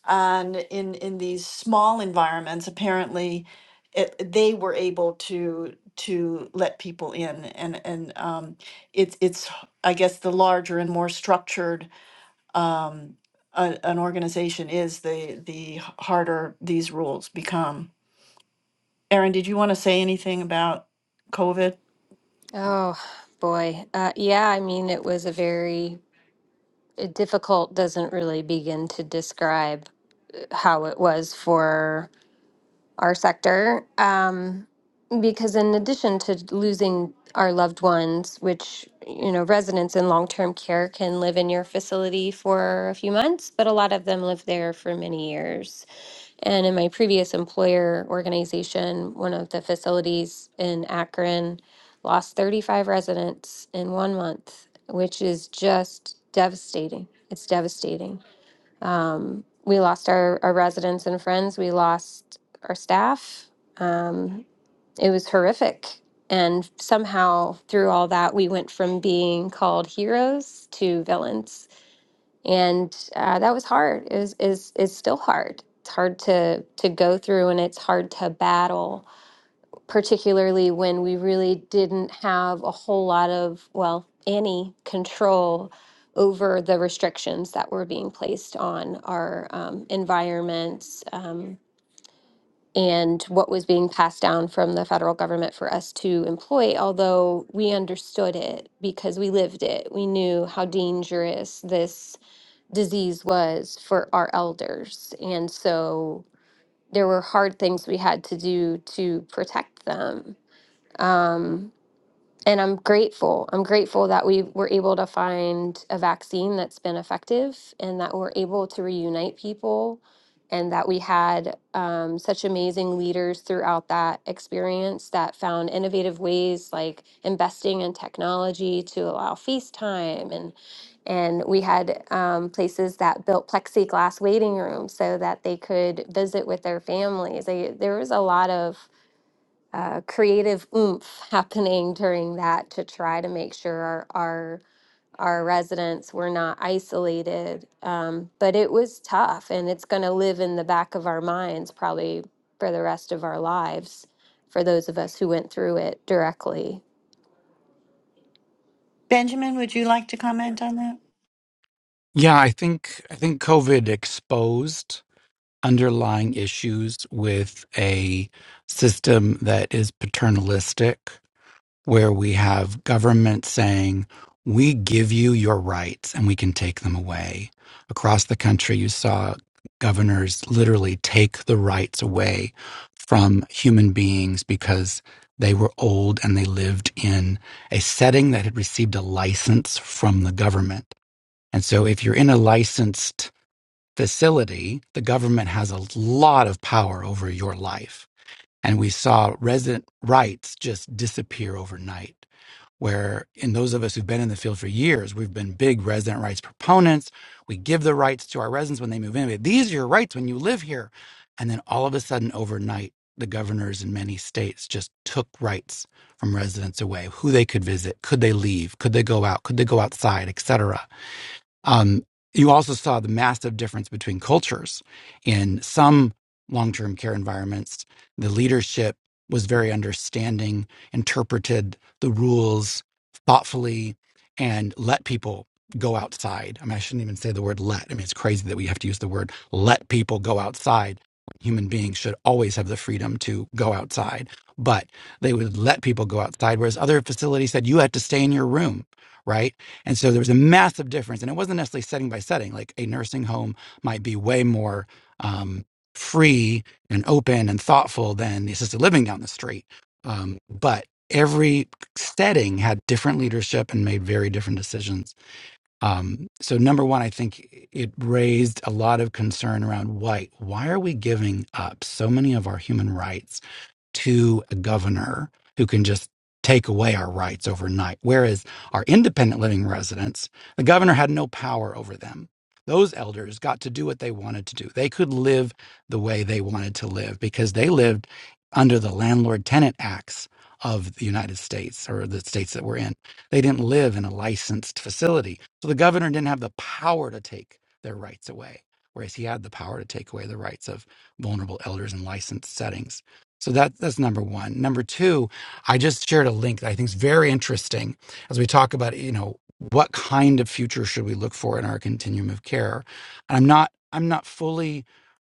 Speaker 1: and in in these small environments, apparently, it, they were able to to let people in, and and um, it's it's I guess the larger and more structured um, a, an organization is, the the harder these rules become. Erin, did you want to say anything about COVID?
Speaker 4: Oh, boy. Uh, yeah, I mean, it was a very uh, difficult, doesn't really begin to describe how it was for our sector. Um, Because in addition to losing our loved ones, which, you know, residents in long-term care can live in your facility for a few months, but a lot of them live there for many years. And in my previous employer organization, one of the facilities in Akron lost 35 residents in one month, which is just devastating. It's devastating. Um, we lost our, our residents and friends. We lost our staff. Um, it was horrific. And somehow through all that, we went from being called heroes to villains. And uh, that was hard. It was, is, is still hard. It's hard to, to go through and it's hard to battle, particularly when we really didn't have a whole lot of, well, any control over the restrictions that were being placed on our um, environments. um, and what was being passed down from the federal government for us to employ, although we understood it because we lived it. We knew how dangerous this disease was for our elders. And so there were hard things we had to do to protect them. Um, and I'm grateful. I'm grateful that we were able to find a vaccine that's been effective and that we're able to reunite people and that we had um, such amazing leaders throughout that experience that found innovative ways like investing in technology to allow FaceTime and and we had um, places that built plexiglass waiting rooms so that they could visit with their families. They, there was a lot of uh, creative oomph happening during that to try to make sure our our, our residents were not isolated. Um, but it was tough, and it's going to live in the back of our minds probably for the rest of our lives for those of us who went through it directly.
Speaker 1: Benjamin, would you like to comment on that?
Speaker 5: yeah i think i think covid exposed underlying issues with a system that is paternalistic where we have government saying, we give you your rights and we can take them away. Across the country, you saw governors literally take the rights away from human beings because they were old and they lived in a setting that had received a license from the government. And so, if you're in a licensed facility, the government has a lot of power over your life. And we saw resident rights just disappear overnight. Where, in those of us who've been in the field for years, we've been big resident rights proponents. We give the rights to our residents when they move in. These are your rights when you live here. And then all of a sudden, overnight, the governors in many states just took rights from residents away who they could visit, could they leave, could they go out, could they go outside, etc um, you also saw the massive difference between cultures. In some long term care environments, the leadership was very understanding, interpreted the rules thoughtfully, and let people go outside. I mean, I shouldn't even say the word let. I mean, it's crazy that we have to use the word let people go outside. Human beings should always have the freedom to go outside, but they would let people go outside. Whereas other facilities said, you had to stay in your room, right? And so there was a massive difference. And it wasn't necessarily setting by setting. Like a nursing home might be way more um, free and open and thoughtful than the assisted living down the street. Um, but every setting had different leadership and made very different decisions. Um, so, number one, I think it raised a lot of concern around why. Why are we giving up so many of our human rights to a governor who can just take away our rights overnight. Whereas our independent living residents, the governor had no power over them. Those elders got to do what they wanted to do. They could live the way they wanted to live because they lived under the landlord tenant acts of the United States or the states that we're in. They didn't live in a licensed facility. So the governor didn't have the power to take their rights away, whereas he had the power to take away the rights of vulnerable elders in licensed settings. So that that's number one. Number two, I just shared a link that I think is very interesting as we talk about you know what kind of future should we look for in our continuum of care. And I'm not I'm not fully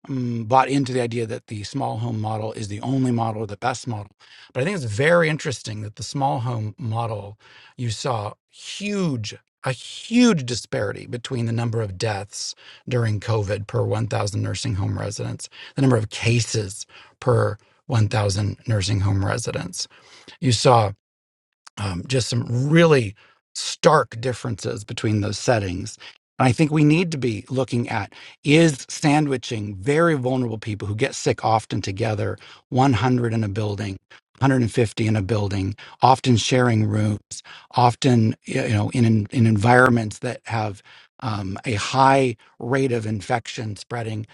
Speaker 5: um, bought into the idea that the small home model is the only model or the best model, but I think it's very interesting that the small home model you saw huge a huge disparity between the number of deaths during COVID per 1,000 nursing home residents, the number of cases per 1,000 nursing home residents. You saw um, just some really stark differences between those settings. And I think we need to be looking at is sandwiching very vulnerable people who get sick often together, 100 in a building, 150 in a building, often sharing rooms, often you know in in in environments that have um, a high rate of infection spreading.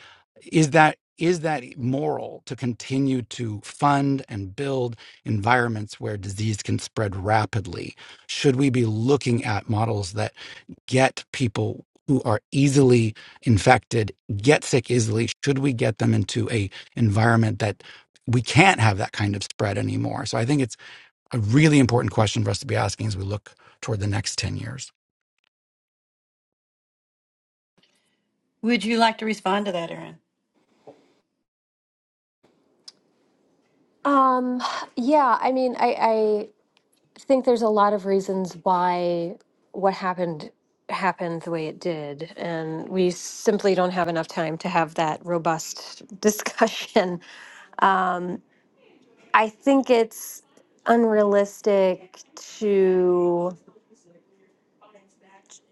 Speaker 5: Is that is that moral to continue to fund and build? environments where disease can spread rapidly? Should we be looking at models that get people who are easily infected, get sick easily? Should we get them into a environment that we can't have that kind of spread anymore? So I think it's a really important question for us to be asking as we look toward the next 10 years.
Speaker 1: Would you like to respond to that, Erin?
Speaker 4: Um, yeah, I mean, I, I think there's a lot of reasons why what happened happened the way it did and we simply don't have enough time to have that robust discussion um, i think it's unrealistic to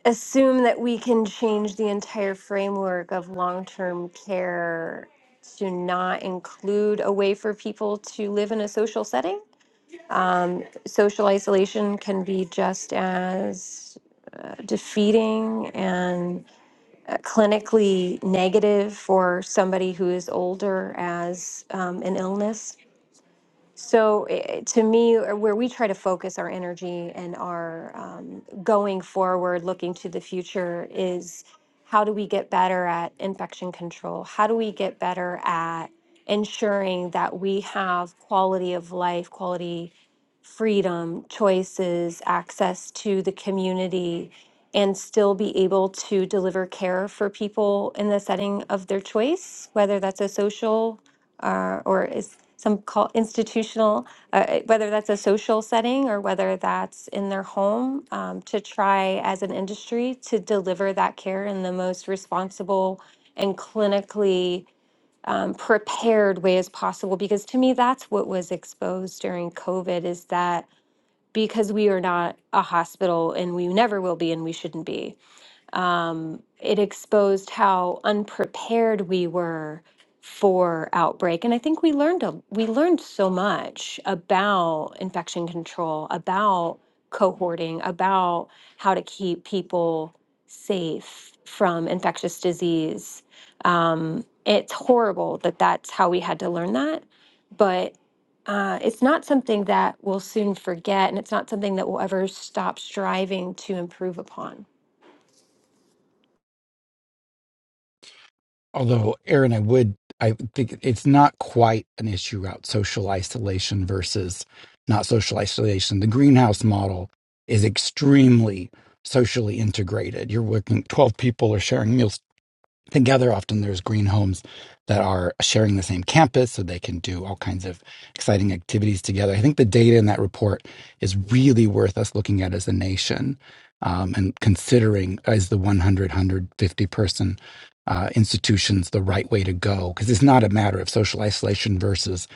Speaker 4: assume that we can change the entire framework of long-term care to not include a way for people to live in a social setting social isolation can be just as defeating and uh, clinically negative for somebody who is older as um, an illness. So eh, eh, to me, or where we try to focus our energy and our um, going forward, looking to the future is how do we get better at infection control? How do we get better at ensuring that we have quality of life, quality freedom, choices, access to the community, and still be able to deliver care for people in the setting of their choice, whether that's a social uh, or is some call institutional, uh, whether that's a social setting or whether that's in their home, um, to try as an industry to deliver that care in the most responsible and clinically um, prepared way as possible. Because to me, that's what was exposed during COVID is that because we are not a hospital and we never will be and we shouldn't be it exposed how unprepared we were for outbreak and i think we learned a, we learned so much about infection control about cohorting about how to keep people safe from infectious disease it's horrible that that's how we had to learn that but uh, it's not something that we'll soon forget and it's not something that we'll ever stop striving to improve upon
Speaker 5: Although, Aaron, I would, I think it's not quite an issue about social isolation versus not social isolation. The greenhouse model is extremely socially integrated. You're working, 12 people are sharing meals Together, often there's green homes that are sharing the same campus so they can do all kinds of exciting activities together. I think the data in that report is really worth us looking at as a nation um, and considering as the 100, person uh, institutions the right way to go. Because it's not a matter of social isolation versus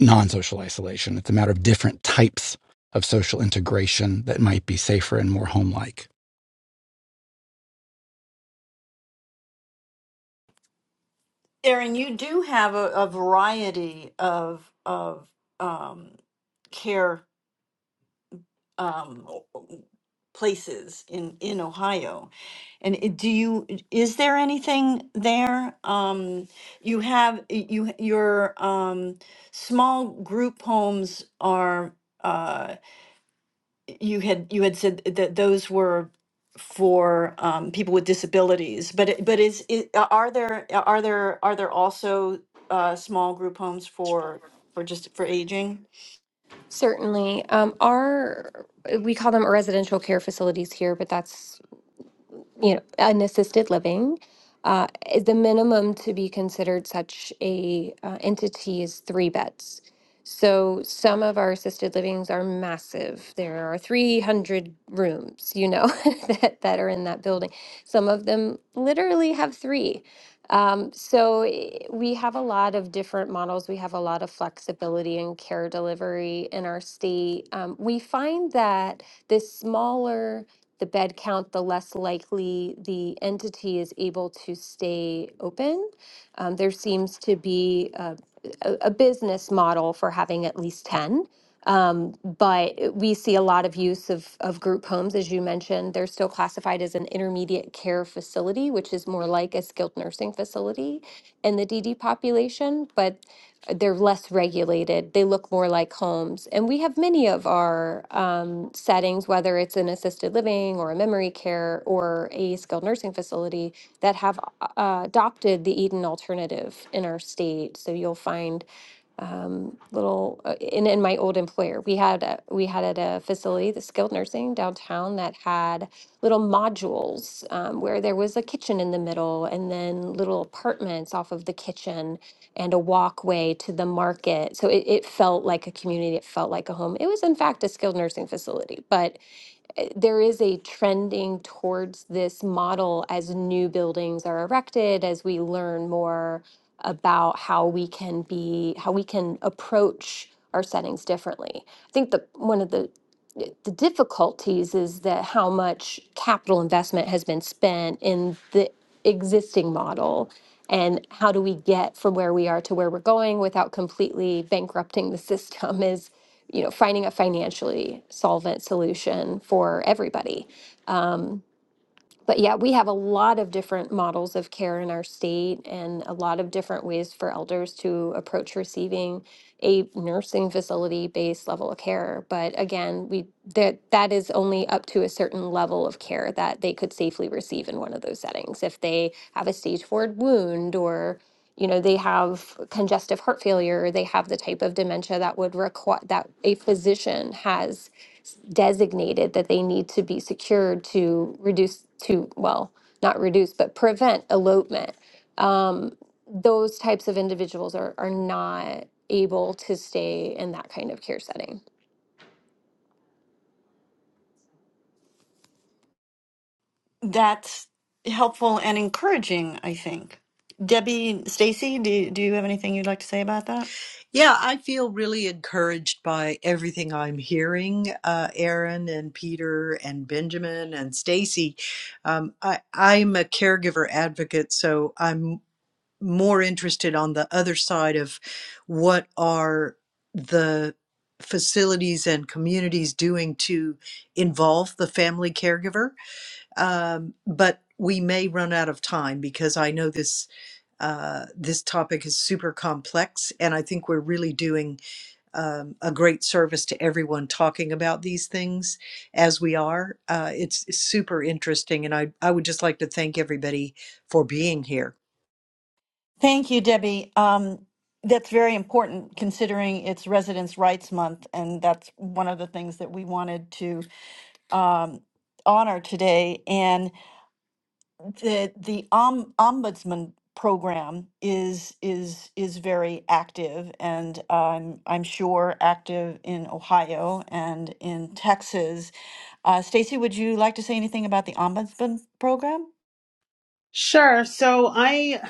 Speaker 5: non social isolation, it's a matter of different types of social integration that might be safer and more home like.
Speaker 1: Erin, you do have a, a variety of of um, care um, places in, in Ohio. And it- do you, is there anything there? Um, you have, you, your, um, small group homes are, uh, you had, you had said that those were for, um, people with disabilities, but, it- but is, it, are there, are there, are there also, uh, small group homes for, for just, for aging?
Speaker 4: Certainly. Um, our we call them residential care facilities here, but that's you know an assisted living. Uh, is the minimum to be considered such a uh, entity is three beds. So some of our assisted livings are massive. There are 300 rooms, you know, that, that are in that building. Some of them literally have three. Um, so i- we have a lot of different models. We have a lot of flexibility in care delivery in our state. Um, we find that the smaller the bed count, the less likely the entity is able to stay open. Um, there seems to be a, a, a business model for having at least 10. Um, but we see a lot of use of, of group homes, as you mentioned. They're still classified as an intermediate care facility, which is more like a skilled nursing facility in the DD population, but they're less regulated. They look more like homes. And we have many of our um, settings, whether it's an assisted living or a memory care or a skilled nursing facility, that have uh, adopted the Eden alternative in our state. So you'll find um, little uh, in, in my old employer we had a, we had at a facility the skilled nursing downtown that had little modules um, where there was a kitchen in the middle and then little apartments off of the kitchen and a walkway to the market so it, it felt like a community it felt like a home it was in fact a skilled nursing facility but eh, there is a trending towards this model as new buildings are erected, as we learn more about how we can be, how we can approach our settings differently. I think the one of the the difficulties is that how much capital investment has been spent in the existing model and how do we get from where we are to where we're going without completely bankrupting the system is you know finding a financially solvent solution for everybody but yeah, we have a lot of different models of care in our state and a lot of different ways for elders to approach receiving a nursing facility based level of care. But again, we that that is only up to a certain level of care that they could safely receive in one of those settings. If they have a stage four wound or you know they have congestive heart failure, or they have the type of dementia that would require that a physician has designated that they need to be secured to reduce to well not reduce but prevent elopement um, those types of individuals are, are not able to stay in that kind of care setting
Speaker 1: That's helpful and encouraging, I think. Debbie, Stacy, do, do you have anything you'd like to say about that?
Speaker 3: Yeah, I feel really encouraged by everything I'm hearing, uh, Aaron and Peter and Benjamin and Stacy. Um, I, I'm a caregiver advocate, so I'm more interested on the other side of what are the facilities and communities doing to involve the family caregiver. Um, but we may run out of time because I know this uh, this topic is super complex, and I think we're really doing um, a great service to everyone talking about these things as we are. Uh, it's super interesting, and I I would just like to thank everybody for being here.
Speaker 1: Thank you, Debbie. Um, that's very important considering it's Residents' Rights Month, and that's one of the things that we wanted to um, honor today. And the the om, ombudsman program is is is very active and um, I'm sure active in Ohio and in Texas. Uh, Stacy, would you like to say anything about the ombudsman program?
Speaker 6: Sure. So I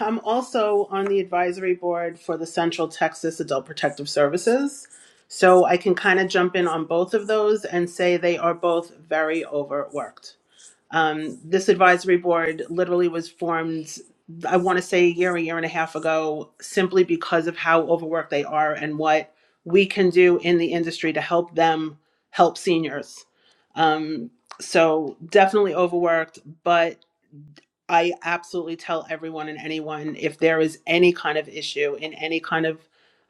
Speaker 6: am also on the advisory board for the Central Texas Adult Protective Services. So I can kind of jump in on both of those and say they are both very overworked. Um, this advisory board literally was formed, I want to say a year, a year and a half ago, simply because of how overworked they are and what we can do in the industry to help them help seniors. Um, so definitely overworked, but I absolutely tell everyone and anyone if there is any kind of issue in any kind of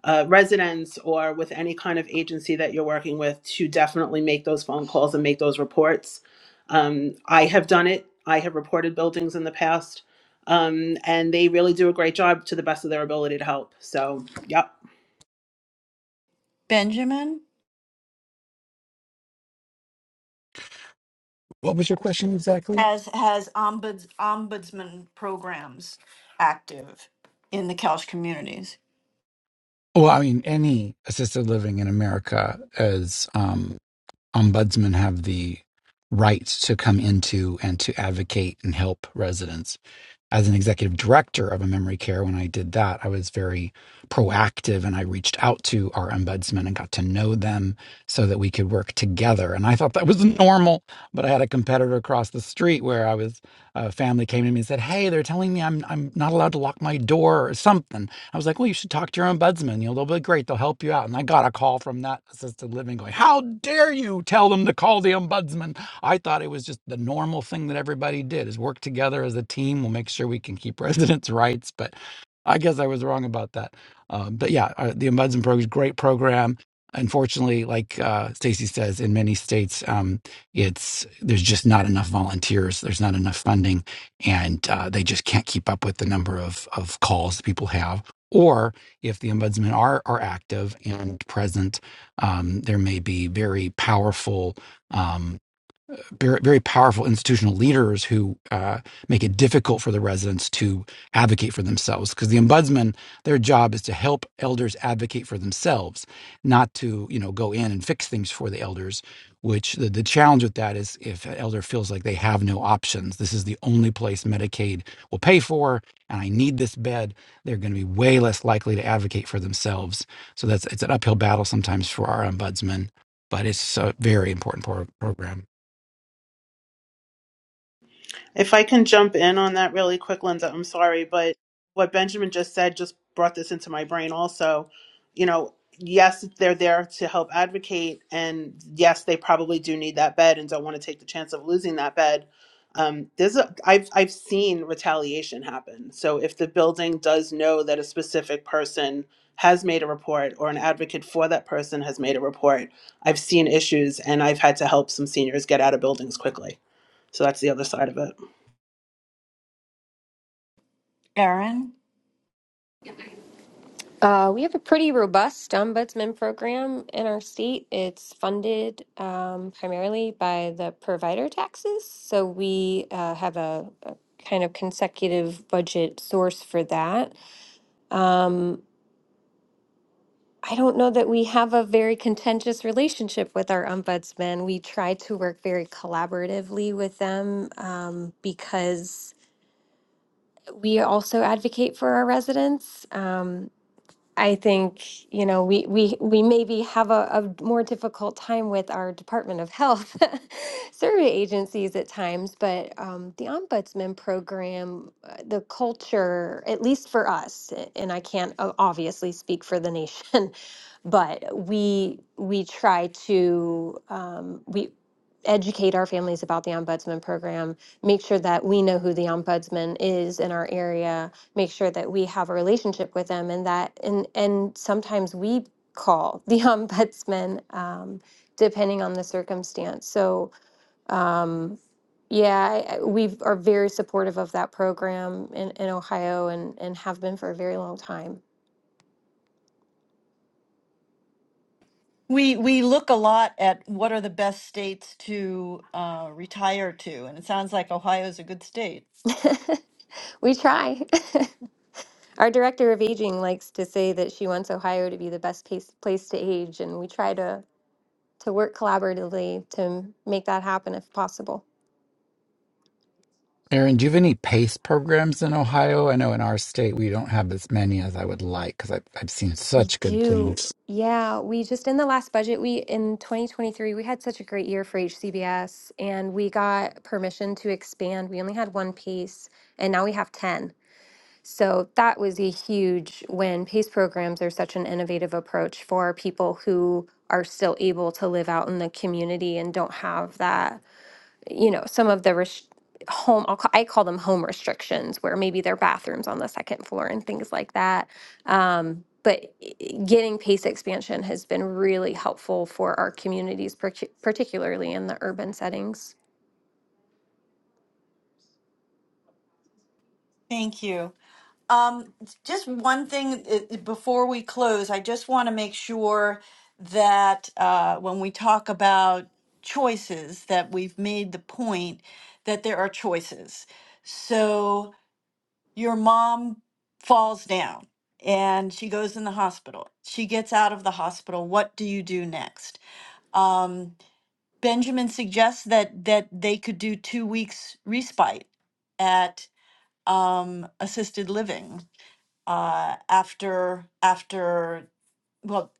Speaker 6: uh, residence or with any kind of agency that you're working with to definitely make those phone calls and make those reports. Um, I have done it. I have reported buildings in the past, um, and they really do a great job to the best of their ability to help. So, yep.
Speaker 1: Benjamin
Speaker 5: What was your question exactly?
Speaker 1: has has ombuds ombudsman programs active in the Kelch communities.
Speaker 5: Well, I mean, any assisted living in America as um, ombudsmen have the right to come into and to advocate and help residents as an executive director of a memory care, when I did that, I was very proactive and I reached out to our ombudsman and got to know them so that we could work together. And I thought that was normal, but I had a competitor across the street where I was, a family came to me and said, Hey, they're telling me I'm, I'm not allowed to lock my door or something. I was like, Well, you should talk to your ombudsman. You know, they'll be great. They'll help you out. And I got a call from that assisted living going, How dare you tell them to call the ombudsman? I thought it was just the normal thing that everybody did is work together as a team. We'll make sure we can keep residents' rights. But I guess I was wrong about that. Um, but yeah, uh, the Ombudsman Program is a great program. Unfortunately, like uh, Stacy says, in many states, um, it's there's just not enough volunteers. There's not enough funding, and uh, they just can't keep up with the number of of calls that people have. Or if the ombudsmen are are active and present, um, there may be very powerful um, very, powerful institutional leaders who uh, make it difficult for the residents to advocate for themselves. Because the ombudsman, their job is to help elders advocate for themselves, not to you know go in and fix things for the elders. Which the, the challenge with that is if an elder feels like they have no options, this is the only place Medicaid will pay for, and I need this bed, they're going to be way less likely to advocate for themselves. So that's it's an uphill battle sometimes for our ombudsman, but it's a very important pro- program.
Speaker 6: If I can jump in on that really quick, Linda, I'm sorry, but what Benjamin just said just brought this into my brain also. You know, yes, they're there to help advocate, and yes, they probably do need that bed and don't want to take the chance of losing that bed. Um, there's a, I've I've seen retaliation happen. So if the building does know that a specific person has made a report or an advocate for that person has made a report, I've seen issues and I've had to help some seniors get out of buildings quickly. So that's the other side of it.
Speaker 1: Erin?
Speaker 4: uh, we have a pretty robust ombudsman program in our state. It's funded um, primarily by the provider taxes. So we uh, have a, a kind of consecutive budget source for that. I don't know that we have a very contentious relationship with our ombudsman. We try to work very collaboratively with them um, because we also advocate for our residents. Um, I think, you know, we we we maybe have a, a more difficult time with our Department of Health survey agencies at times, but um, the Ombudsman program, uh, the culture, at least for us, a- and I can't o- obviously speak for the nation, but we we try to um, we educate our families about the Ombudsman program, make sure that we know who the Ombudsman is in our area make sure that we have a relationship with them and that and and sometimes we call the ombudsman um, depending on the circumstance so um, yeah I, I- we are very supportive of that program in, in ohio and, and have been for a very long time
Speaker 1: We we look a lot at what are the best states to uh, retire to, and it sounds like Ohio is a good state.
Speaker 4: we try our director of aging likes to say that she wants ohio to be the best place, place to age and we try to to work collaboratively to make that happen if possible
Speaker 5: Aaron, do you have any PACE programs in Ohio? I know in our state we don't have as many as I would like because I've, I've seen
Speaker 4: We
Speaker 5: such good things.
Speaker 4: do. Yeah, we just in the last budget, we in 2023, we had such a great year for HCBS and we got permission to expand. We only had one PACE and now we have 10. So that was a huge win. PACE programs are such an innovative approach for people who are still able to live out in the community and don't have that you know, some of the res- home, I'll call, I call them home restrictions, where maybe their bathrooms on the second floor and things like that. Um, but i- i- getting pace expansion has been really helpful for our communities, partic- particularly in the urban settings.
Speaker 1: Thank you. Um, just one thing uh, before we close, I just want to make sure that uh, when we talk about choices, that we've made the point that there are choices. So your mom falls down and she goes in the hospital. She gets out of the hospital. What do you do next? Um, Benjamin suggests that that they could do two weeks respite at um, assisted living uh, after after. Well,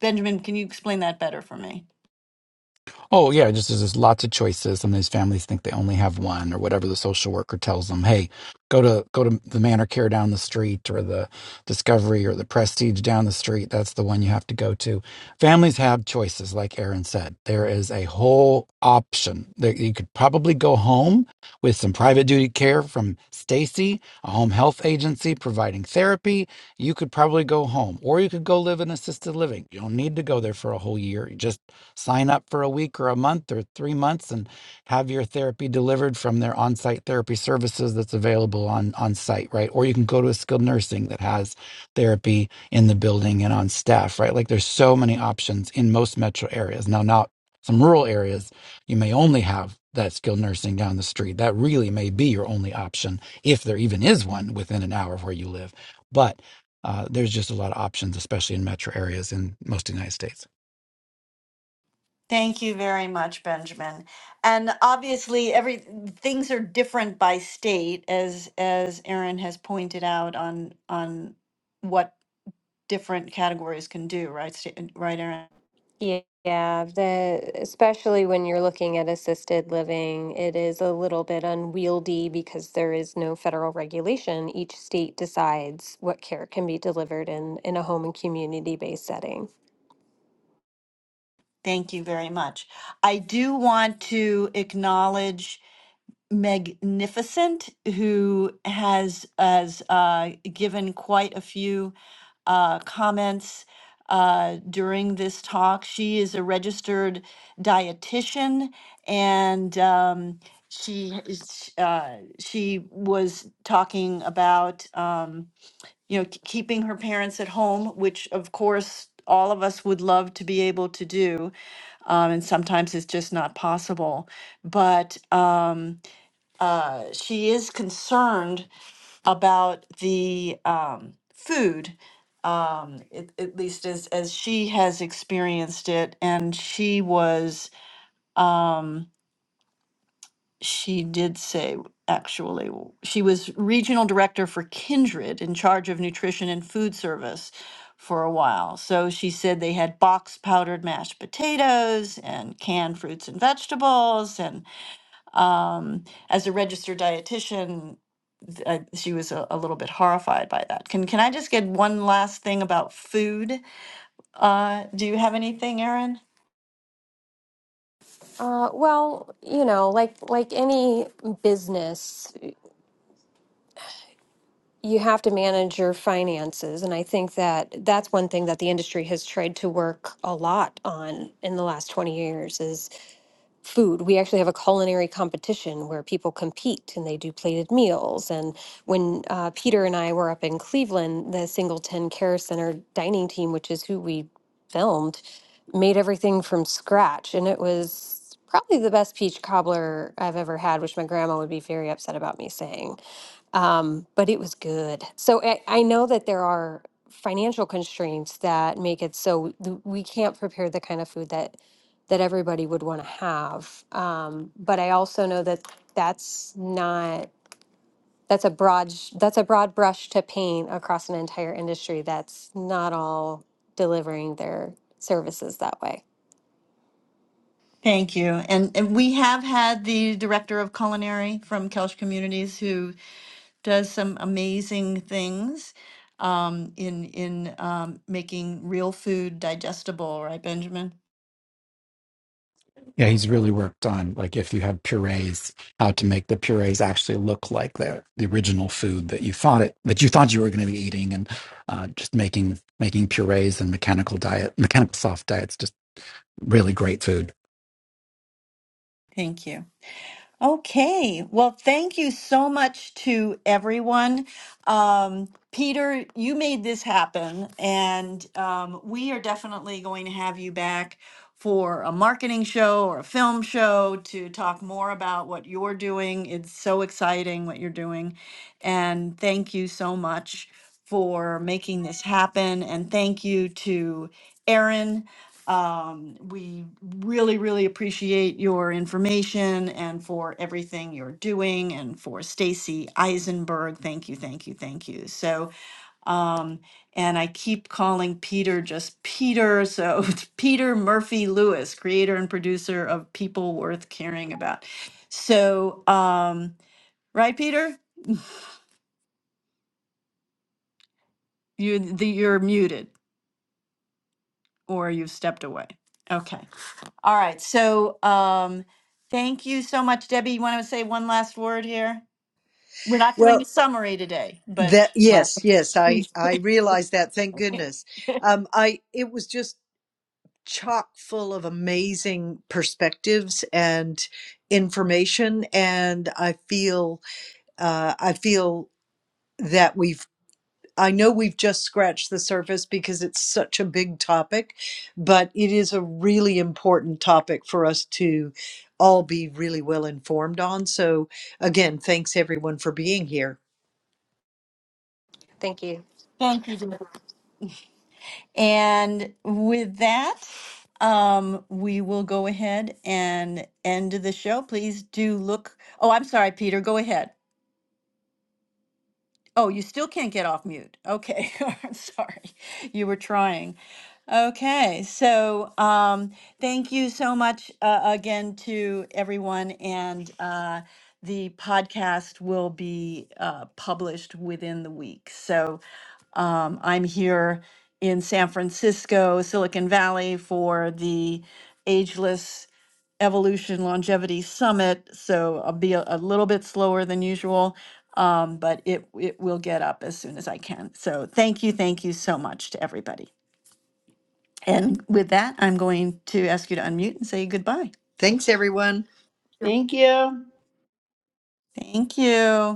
Speaker 1: Benjamin, can you explain that better for me?
Speaker 5: Oh yeah, just there's just lots of choices. Sometimes families think they only have one, or whatever the social worker tells them. Hey, go to go to the Manor Care down the street, or the Discovery, or the Prestige down the street. That's the one you have to go to. Families have choices, like Aaron said. There is a whole option. There, you could probably go home with some private duty care from Stacy, a home health agency providing therapy. You could probably go home, or you could go live in assisted living. You don't need to go there for a whole year. You just sign up for a week or a month or three months and have your therapy delivered from their on-site therapy services that's available on on site right or you can go to a skilled nursing that has therapy in the building and on staff right like there's so many options in most metro areas now not some rural areas you may only have that skilled nursing down the street that really may be your only option if there even is one within an hour of where you live but uh, there's just a lot of options especially in metro areas in most of the united states
Speaker 1: Thank you very much, Benjamin. And obviously, every things are different by state, as as Aaron has pointed out on on what different categories can do, right? sta- Right, Aaron.
Speaker 4: Ye- Yeah, the especially when you're looking at assisted living, it is a little bit unwieldy because there is no federal regulation. Each state decides what care can be delivered in in a home and community-based setting.
Speaker 1: Thank you very much. I do want to acknowledge Magnificent, who has has uh, given quite a few uh, comments uh, during this talk. She is a registered dietitian, and um, she is- uh, she was talking about um, you know k- keeping her parents at home, which of course all of us would love to be able to do, um, and sometimes it's just not possible. But um, uh, she is concerned about the um, food, um, at, at least as as she has experienced it, and she was um, she did say actually w- she was regional director for Kindred in charge of nutrition and food service for a while. So she said they had box powdered mashed potatoes and canned fruits and vegetables and um, as a registered dietitian uh, she was a, a little bit horrified by that. Can can I just get one last thing about food? Uh, do you have anything, Erin?
Speaker 4: Uh, well, you know, like like any business, you have to manage your finances, and I think that that's one thing that the industry has tried to work a lot on in the last 20 years is food. We actually have a culinary competition where people compete and they do plated meals. And when uh, Peter and I were up in Cleveland, the Singleton Care Center dining team, which is who we filmed, made everything from scratch. And it was probably the best peach cobbler I've ever had, which my grandma would be very upset about me saying. Um, but it was good. So I, I know that there are financial constraints that make it so th- we can't prepare the kind of food that that everybody would want to have. Um, but I also know that that's not that's a broad sh- that's a broad brush to paint across an entire industry that's not all delivering their services that way.
Speaker 1: Thank you. And, and we have had the director of culinary from Kelch Communities who does some amazing things um, in in um, making real food digestible. Right, Benjamin?
Speaker 5: Yeah, he's really worked on like if you have purees, how to make the purees actually look like the the original food that you thought it that you thought you were going to be eating, and uh, just making making purees and mechanical diet, mechanical soft diets, just really great food.
Speaker 1: Thank you. Okay. Well, thank you so much to everyone. Um, Peter, you made this happen, and um, we are definitely going to have you back for a marketing show or a film show to talk more about what you're doing. It's so exciting what you're doing. And thank you so much for making this happen. And thank you to Erin. Um, we really, really appreciate your information and for everything you're doing and for Stacy Eisenberg. Thank you, thank you, thank you. So, um, and I keep calling Peter just Peter. So it's Peter Murphy Lewis, creator and producer of People Worth Caring About. So, um, right, Peter, you the, you're muted or you've stepped away. Okay. All right, so um, thank you so much, Debbie. You want to say one last word here? We're not
Speaker 3: Well,
Speaker 1: doing a summary today, but
Speaker 3: That
Speaker 1: last-
Speaker 3: yes, yes, I
Speaker 1: thank
Speaker 3: I realized that. Thank goodness. Um, I it was just chock full of amazing perspectives and information, and I feel uh, I feel that we've. I know we've just scratched the surface because it's such a big topic, but it is a really important topic for us to all be really well informed on. So, again, thanks everyone for being here.
Speaker 4: Thank you.
Speaker 1: you. Debbie. And with that, um, we will go ahead and end the show. Please do look. Oh, I'm sorry, Peter. Go ahead. Oh, you still can't get off mute. Okay, I'm sorry. You were trying. Okay, so um, thank you so much uh, again to everyone, and uh, the podcast will be uh, published within the week. So um, I'm here in San Francisco, Silicon Valley, for the Ageless Evolution Longevity Summit, so I'll be a, a little bit slower than usual, um, but it it will get up as soon as I can. So thank you, thank you so much to everybody. And with that, I'm going to ask you to unmute and say goodbye.
Speaker 3: Thanks, everyone.
Speaker 6: Thank you.
Speaker 1: Thank you.